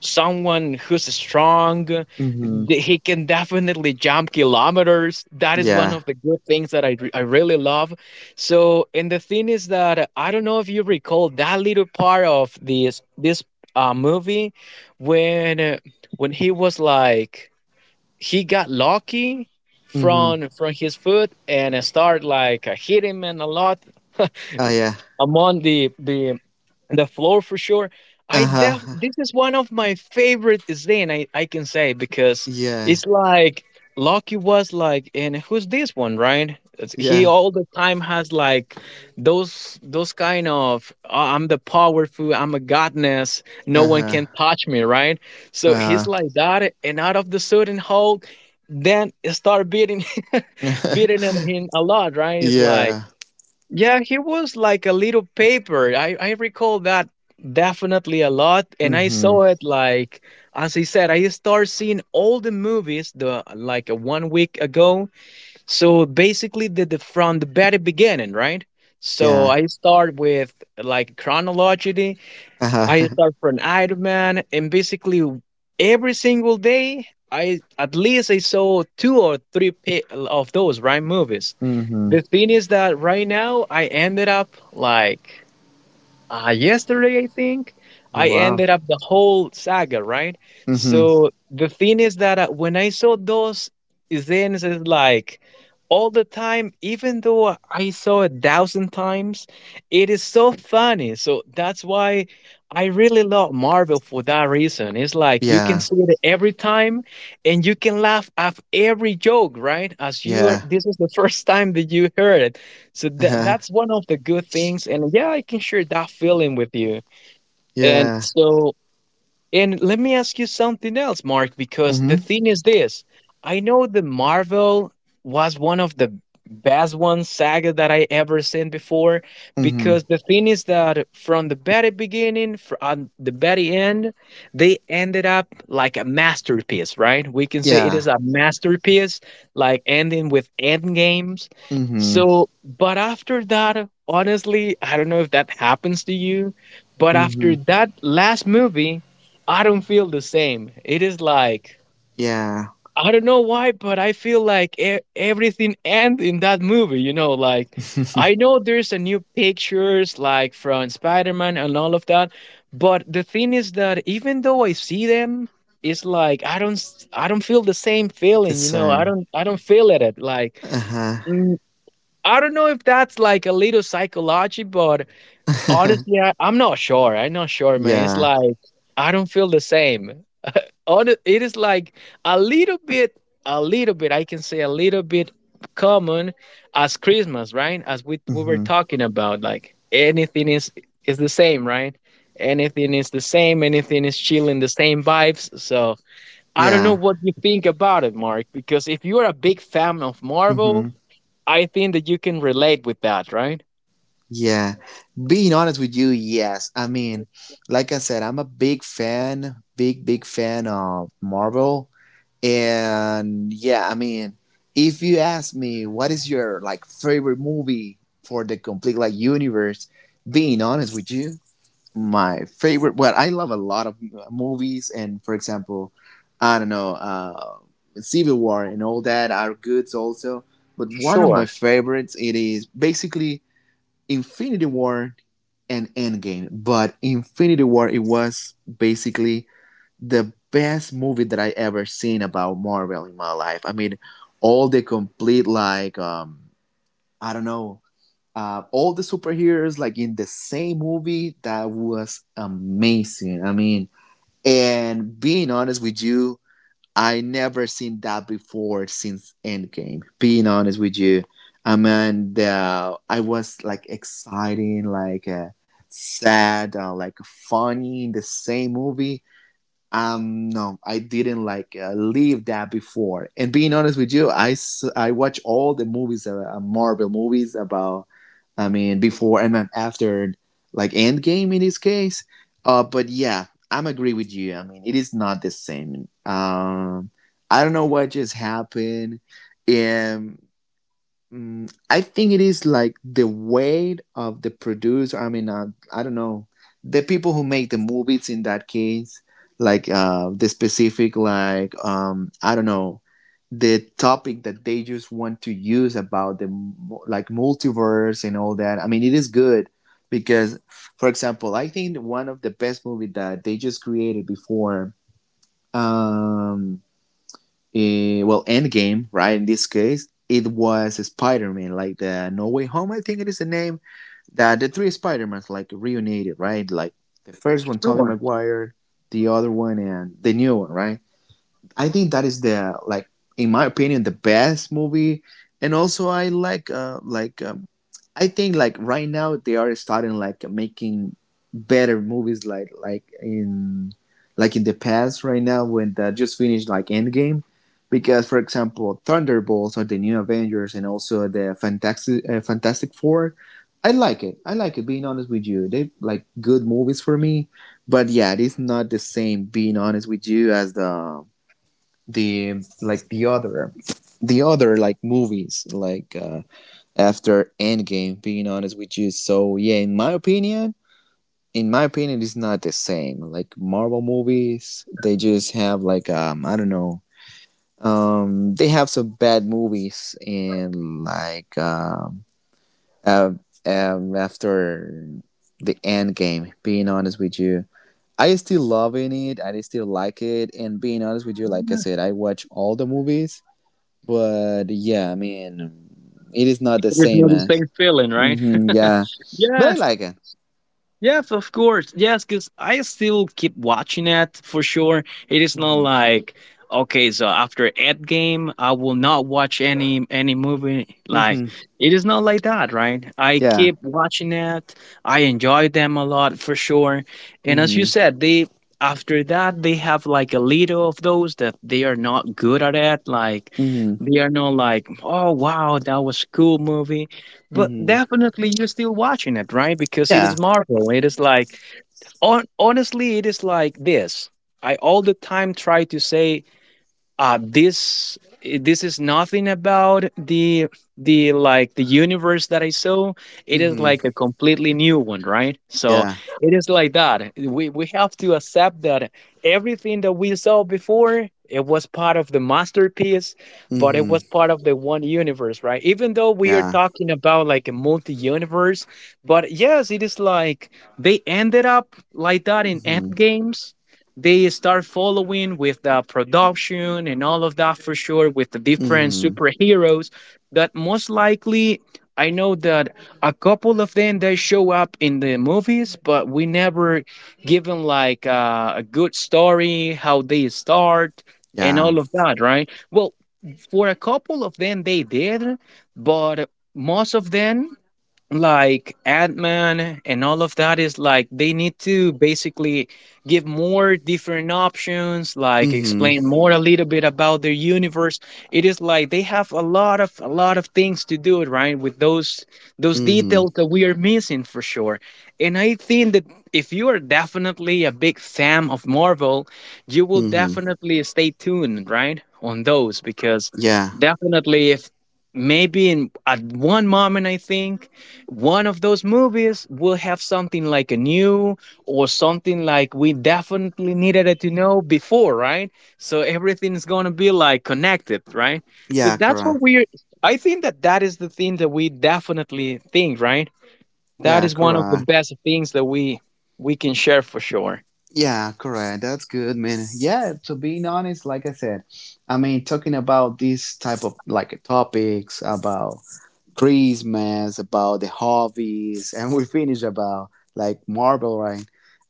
B: someone who's strong.
A: Mhm.
B: He can definitely jump kilometers. That is one
A: Yeah.
B: of the good things that I really love. So, and the thing is that I don't know if you recall that little part of this movie, when when he was like he got lucky
A: Mhm.
B: from his foot and start like hitting him a lot <laughs>
A: Oh yeah.
B: among the floor for sure. I
A: Uh-huh.
B: def This is one of my favorite Zen, I can say, because
A: Yeah.
B: it's like Loki was like and who's this one, right? He
A: Yeah.
B: all the time has like those kind of, "Oh, I'm the powerful, I'm a godness, no one
A: Uh-huh.
B: can touch me," right? So he's
A: Uh.
B: like that, and out of the sudden, Hulk then start beating <laughs>
A: <laughs>
B: beating at him a lot, right? It's like,
A: Yeah.
B: yeah, he was like a little paper. I recall that definitely a lot. And I
A: Mm-hmm.
B: saw it like, as I said, I started seeing all the movies the like one week ago. So basically, the from the very beginning, right? So
A: Yeah.
B: I start with like chronology. I
A: Uh-huh. <laughs>
B: start from Iron Man, and basically every single day, I at least I saw two or three of those, right, movies.
A: Mm-hmm.
B: The thing is that right now I ended up like yesterday, I think
A: Oh
B: I
A: wow.
B: ended up the whole saga, right?
A: Mm-hmm.
B: So the thing is that when I saw those scenes, it's like all the time, even though I saw it thousand times, it is so funny. So that's why I really love Marvel for that reason. It's like you can
A: Yeah.
B: see it every time and you can laugh at every joke, right? As you are,
A: Yeah.
B: this is the <laughs> first time that you heard it. So that
A: Uh-huh.
B: that's one of the good things, and yeah, I can share that feeling with you. And
A: Yeah.
B: so, and let me ask you something else, Mark, because the
A: Mm-hmm.
B: thing is this. I know the Marvel was one of the best one saga that I ever seen before,
A: Mm-hmm.
B: because the thing is that from the very beginning, from the very end, they ended up like a masterpiece, right? We can say it
A: Yeah.
B: is a masterpiece, like ending with end games.
A: Mm-hmm.
B: So, but after that, honestly, I don't know if that happens to you, but after
A: Mm-hmm.
B: that last movie, I don't feel the same. It is like
A: Yeah.
B: I don't know why, but I feel like everything ends in that movie. Like I know there's a new pictures like from Spider-Man and all of that, but the thing is that even though I see them, it's like I don't feel the same
A: The
B: feeling. You know, I
A: same.
B: don't I don't feel it. Like
A: Uh-huh.
B: mm, I don't know if that's like a little psychology, but honestly,
A: <laughs>
B: I'm not sure. I'm not sure, man. It's
A: Yeah.
B: like I don't feel the same on it. It is like a little bit, I can say, a little bit common as Christmas, right? As we were
A: Mm-hmm.
B: talking about, like anything is the same, right? Anything is the same. Anything is chilling the same vibes. So I don't know
A: Yeah.
B: what you think about it, Mark, because if you're a big fan of Marvel,
A: Mm-hmm.
B: I think that you can relate with that, right?
A: Yeah. Being honest with you, yes. I mean, like I said, I'm a big fan, big, big fan of Marvel. And yeah, I mean, if you ask me what is your, like, favorite movie for the complete, like, universe, being honest with you, my favorite. Well, I love a lot of movies, and for example, I don't know, Civil War and all that are good also. But one of my
B: Sure.
A: favorites it is basically Infinity War and Endgame. But Infinity War, it was basically the best movie that I ever seen about Marvel in my life. I mean, all the complete, like, I don't know, all the superheroes like in the same movie. That was amazing. I mean, and being honest with you, I never seen that before since Endgame. Being honest with you, I mean, the, I was like exciting, like. Sad, like funny in the same movie. No, I didn't like, leave that before, and being honest with you, I watch all the movies, Marvel movies about, I mean, before and after like Endgame in this case. But yeah, I'm agree with you. I mean, it is not the same. I don't know what just happened. Um. I think it is like the weight of the producer. I mean, I don't know the people who make the movies in that case, like, the specific, like, I don't know the topic that they just want to use about the like multiverse and all that. I mean, it is good because, for example, I think one of the best movie that they just created before. Um, well, Endgame, right? In this case, it was Spider-Man, like the No Way Home, I think it is the name, that the three Spider-Mans like reunited, right? Like the first one, Tobey
B: Sure.
A: Maguire, the other one, and the new one, right? I think that is the, like, in my opinion, the best movie. And also I like, like, I think, like, right now they are starting, like, making better movies like, like in the past right now when they just finished like Endgame. Because for example, Thunderbolts or the New Avengers and also the Fantastic, Fantastic Four, I like it, I like it, being honest with you. They like good movies for me. But yeah, it's not the same, being honest with you, as the, like, the other, like movies, like, after Endgame. Being honest with you. So yeah, in my opinion, it's not the same. Like Marvel movies, they just have like, I don't know, they have some bad movies and like, uh, after the end game, being honest with you, I still loving it, I still like it. And being honest with you, like I
B: Yeah,
A: said, I watch all the movies. But yeah, I mean, it is not the
B: it's
A: same
B: not the
A: as.
B: same feeling, right?
A: Hmm. Yeah.
B: <laughs>
A: But I
B: Yes.
A: like it.
B: Yes, of course. Yes, because I still keep watching it for sure. It is not
A: Hmm.
B: like, okay, so after Ed game, I will not watch any movie. Like
A: Hmm.
B: it is not like that, right? I
A: Yeah.
B: keep watching it. I enjoy them a lot for sure. And as you
A: Hmm.
B: said, they after that they have like a little of those that they are not good at it. Like
A: Hmm.
B: they are not like, oh wow, that was cool movie. But
A: Hmm.
B: definitely, you're still watching it, right? Because it
A: Yeah.
B: is Marvel. It is like, honestly, it is like this. I all the time try to say uh this this is nothing about the universe that I saw. It is
A: Hmm.
B: like a completely new one, right? So
A: Yeah.
B: it is like that we have to accept that everything that we saw before it was part of the masterpiece, but it
A: Hmm.
B: was part of the one universe, right? Even though we are
A: Yeah.
B: talking about like a multi universe, but yes, it is like they ended up like that in end.
A: Hmm.
B: They start following with the production and all of that, for sure, with the different
A: Hmm.
B: superheroes that, most likely, I know that a couple of them they show up in the movies, but we never given like a good story how they start and
A: Yeah.
B: all of that, right? Well, for a couple of them they did, but most of them, like Ant-Man and all of that, is like they need to basically give more different options, like
A: Hmm.
B: explain more a little bit about their universe. It is like they have a lot of things to do, right? With those details
A: Hmm.
B: that we are missing for sure. And I think that if you are definitely a big fan of Marvel, you will
A: Hmm.
B: definitely stay tuned, right? On those, because
A: Yeah.
B: definitely, if maybe in at one moment I think one of those movies will have something like a new, or something like we definitely needed it to know before, right? So everything's going to be like connected, right? So
A: Yeah,
B: that's what
A: correct.
B: we're, I think that that is the thing that we definitely think, right? That
A: Yeah,
B: is one of the
A: correct.
B: best things that we can share for sure.
A: Yeah, correct. That's good, man. Yeah, to being honest, like I said, I mean, talking about these type of, like, topics about Christmas, about the hobbies, and we finish about like Marvel, right?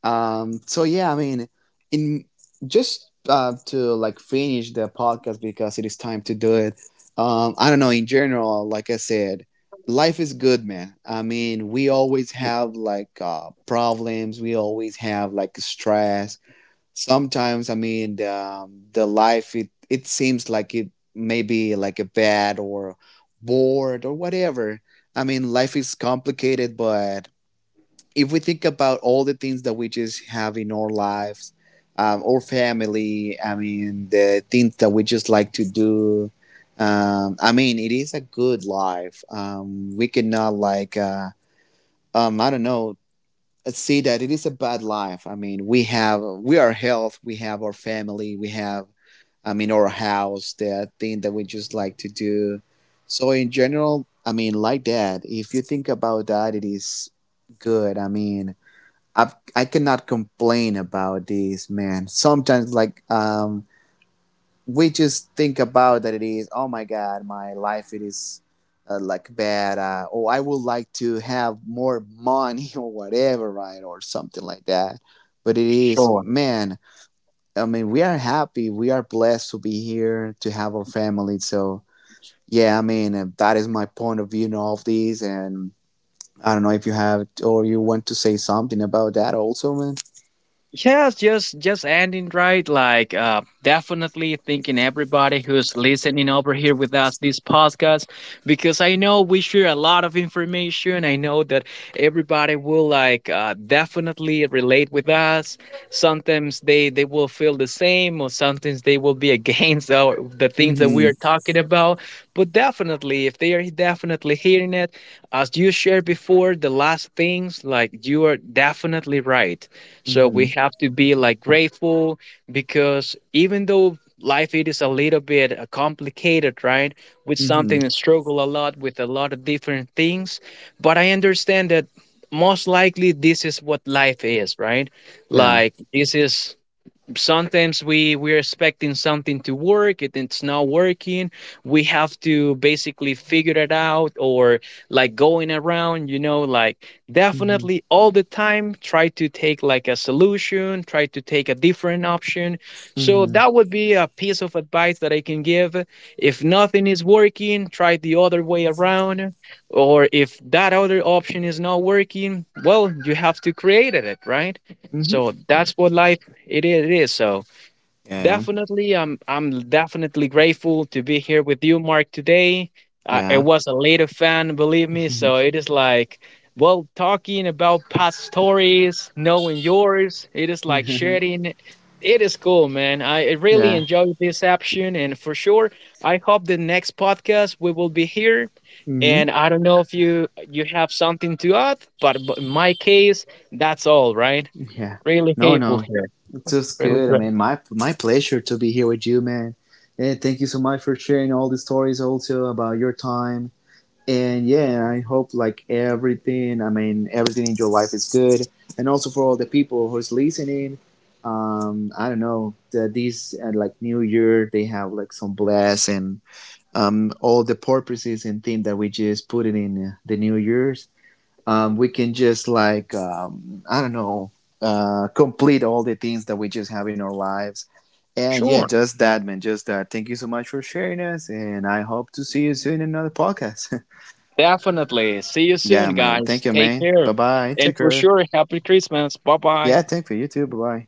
A: So yeah, I mean, in just, to like finish the podcast because it is time to do it. I don't know. In general, like I said, life is good, man. I mean, we always have like, problems. We always have like stress sometimes. I mean, the life, it seems like it may be like a bad or bored or whatever. I mean, life is complicated. But if we think about all the things that we just have in our lives, our family, I mean, the things that we just like to do, I mean, it is a good life. We cannot, like, I don't know, see that it is a bad life. I mean, we are health, we have our family, we have, I mean, our house, the thing that we just like to do. So in general, I mean, like that. If you think about that, it is good. I mean, I cannot complain about this, man. Sometimes, like, we just think about that it is, oh my god, my life it is, like bad, or I would like to have more money <laughs> or whatever, right, or something like that. But it is,
B: Sure.
A: man. I mean, we are happy, we are blessed to be here, to have our family. So yeah, I mean, that is my point of view in all of these. And I don't know if you have or you want to say something about that also, man.
B: Yes, just ending, right. Like definitely thanking everybody who's listening over here with us, this podcast, because I know we share a lot of information. I know that everybody will like definitely relate with us. Something Sometimes they will feel the same, or sometimes they will be <laughs> against the things that we are
A: Mm-hmm,
B: talking about, but definitely if they are definitely hearing it, as you shared before, the last things, like you are definitely right. So we
A: mm-hmm,
B: have to be like grateful, because even though life it is a little bit complicated, right, with
A: mm-hmm.
B: something and struggle a lot with a lot of different things, but I understand that most likely this is what life is, right?
A: Yeah.
B: Like this is sometimes we're expecting something to work, it's not working. We have to basically figure it out, or like going around, like
A: Mm-hmm,
B: definitely all the time try to take like a solution, try to take a different option. So
A: mm-hmm,
B: that would be a piece of advice that I can give. If nothing is working, try the other way around, or if that other option is not working, well, you have to create it, right?
A: mm-hmm.
B: So that's what life it is. It is. So
A: Yeah,
B: definitely, I'm definitely grateful to be here with you, Mark, today. It
A: yeah,
B: was a later fan, believe me. So it
A: <laughs>
B: is like, well, talking about past stories, knowing yours. It is like sharing. It is cool, man. I really
A: yeah.
B: enjoyed this action, and for sure, I hope the next podcast we will be here.
A: Hmm.
B: And I don't know if you have something to add, but in my case, that's all, right?
A: Yeah.
B: Really
A: No,
B: grateful
A: no.
B: here.
A: It's just
B: Really
A: good. I
B: great.
A: mean, my pleasure to be here with you, man. And thank you so much for sharing all the stories also about your time. And yeah, I hope like everything, I mean, everything in your life is good. And also for all the people who's listening, I don't know, the, these like New Year, they have like some bless and, all the purposes and things that we just put it in, the New Year's, we can just, like, I don't know, complete all the things that we just have in our lives. And yeah,
B: Sure.
A: just that, man. Just that. Thank you so much for sharing us, and I hope to see you soon in another podcast.
B: Definitely. See you
A: <laughs>
B: soon,
A: Yeah, man.
B: guys.
A: Thank you,
B: Take
A: man.
B: care.
A: Bye bye.
B: And
A: Take
B: for
A: care.
B: sure, happy Christmas. Bye bye.
A: Yeah, thank you. You too. Bye bye.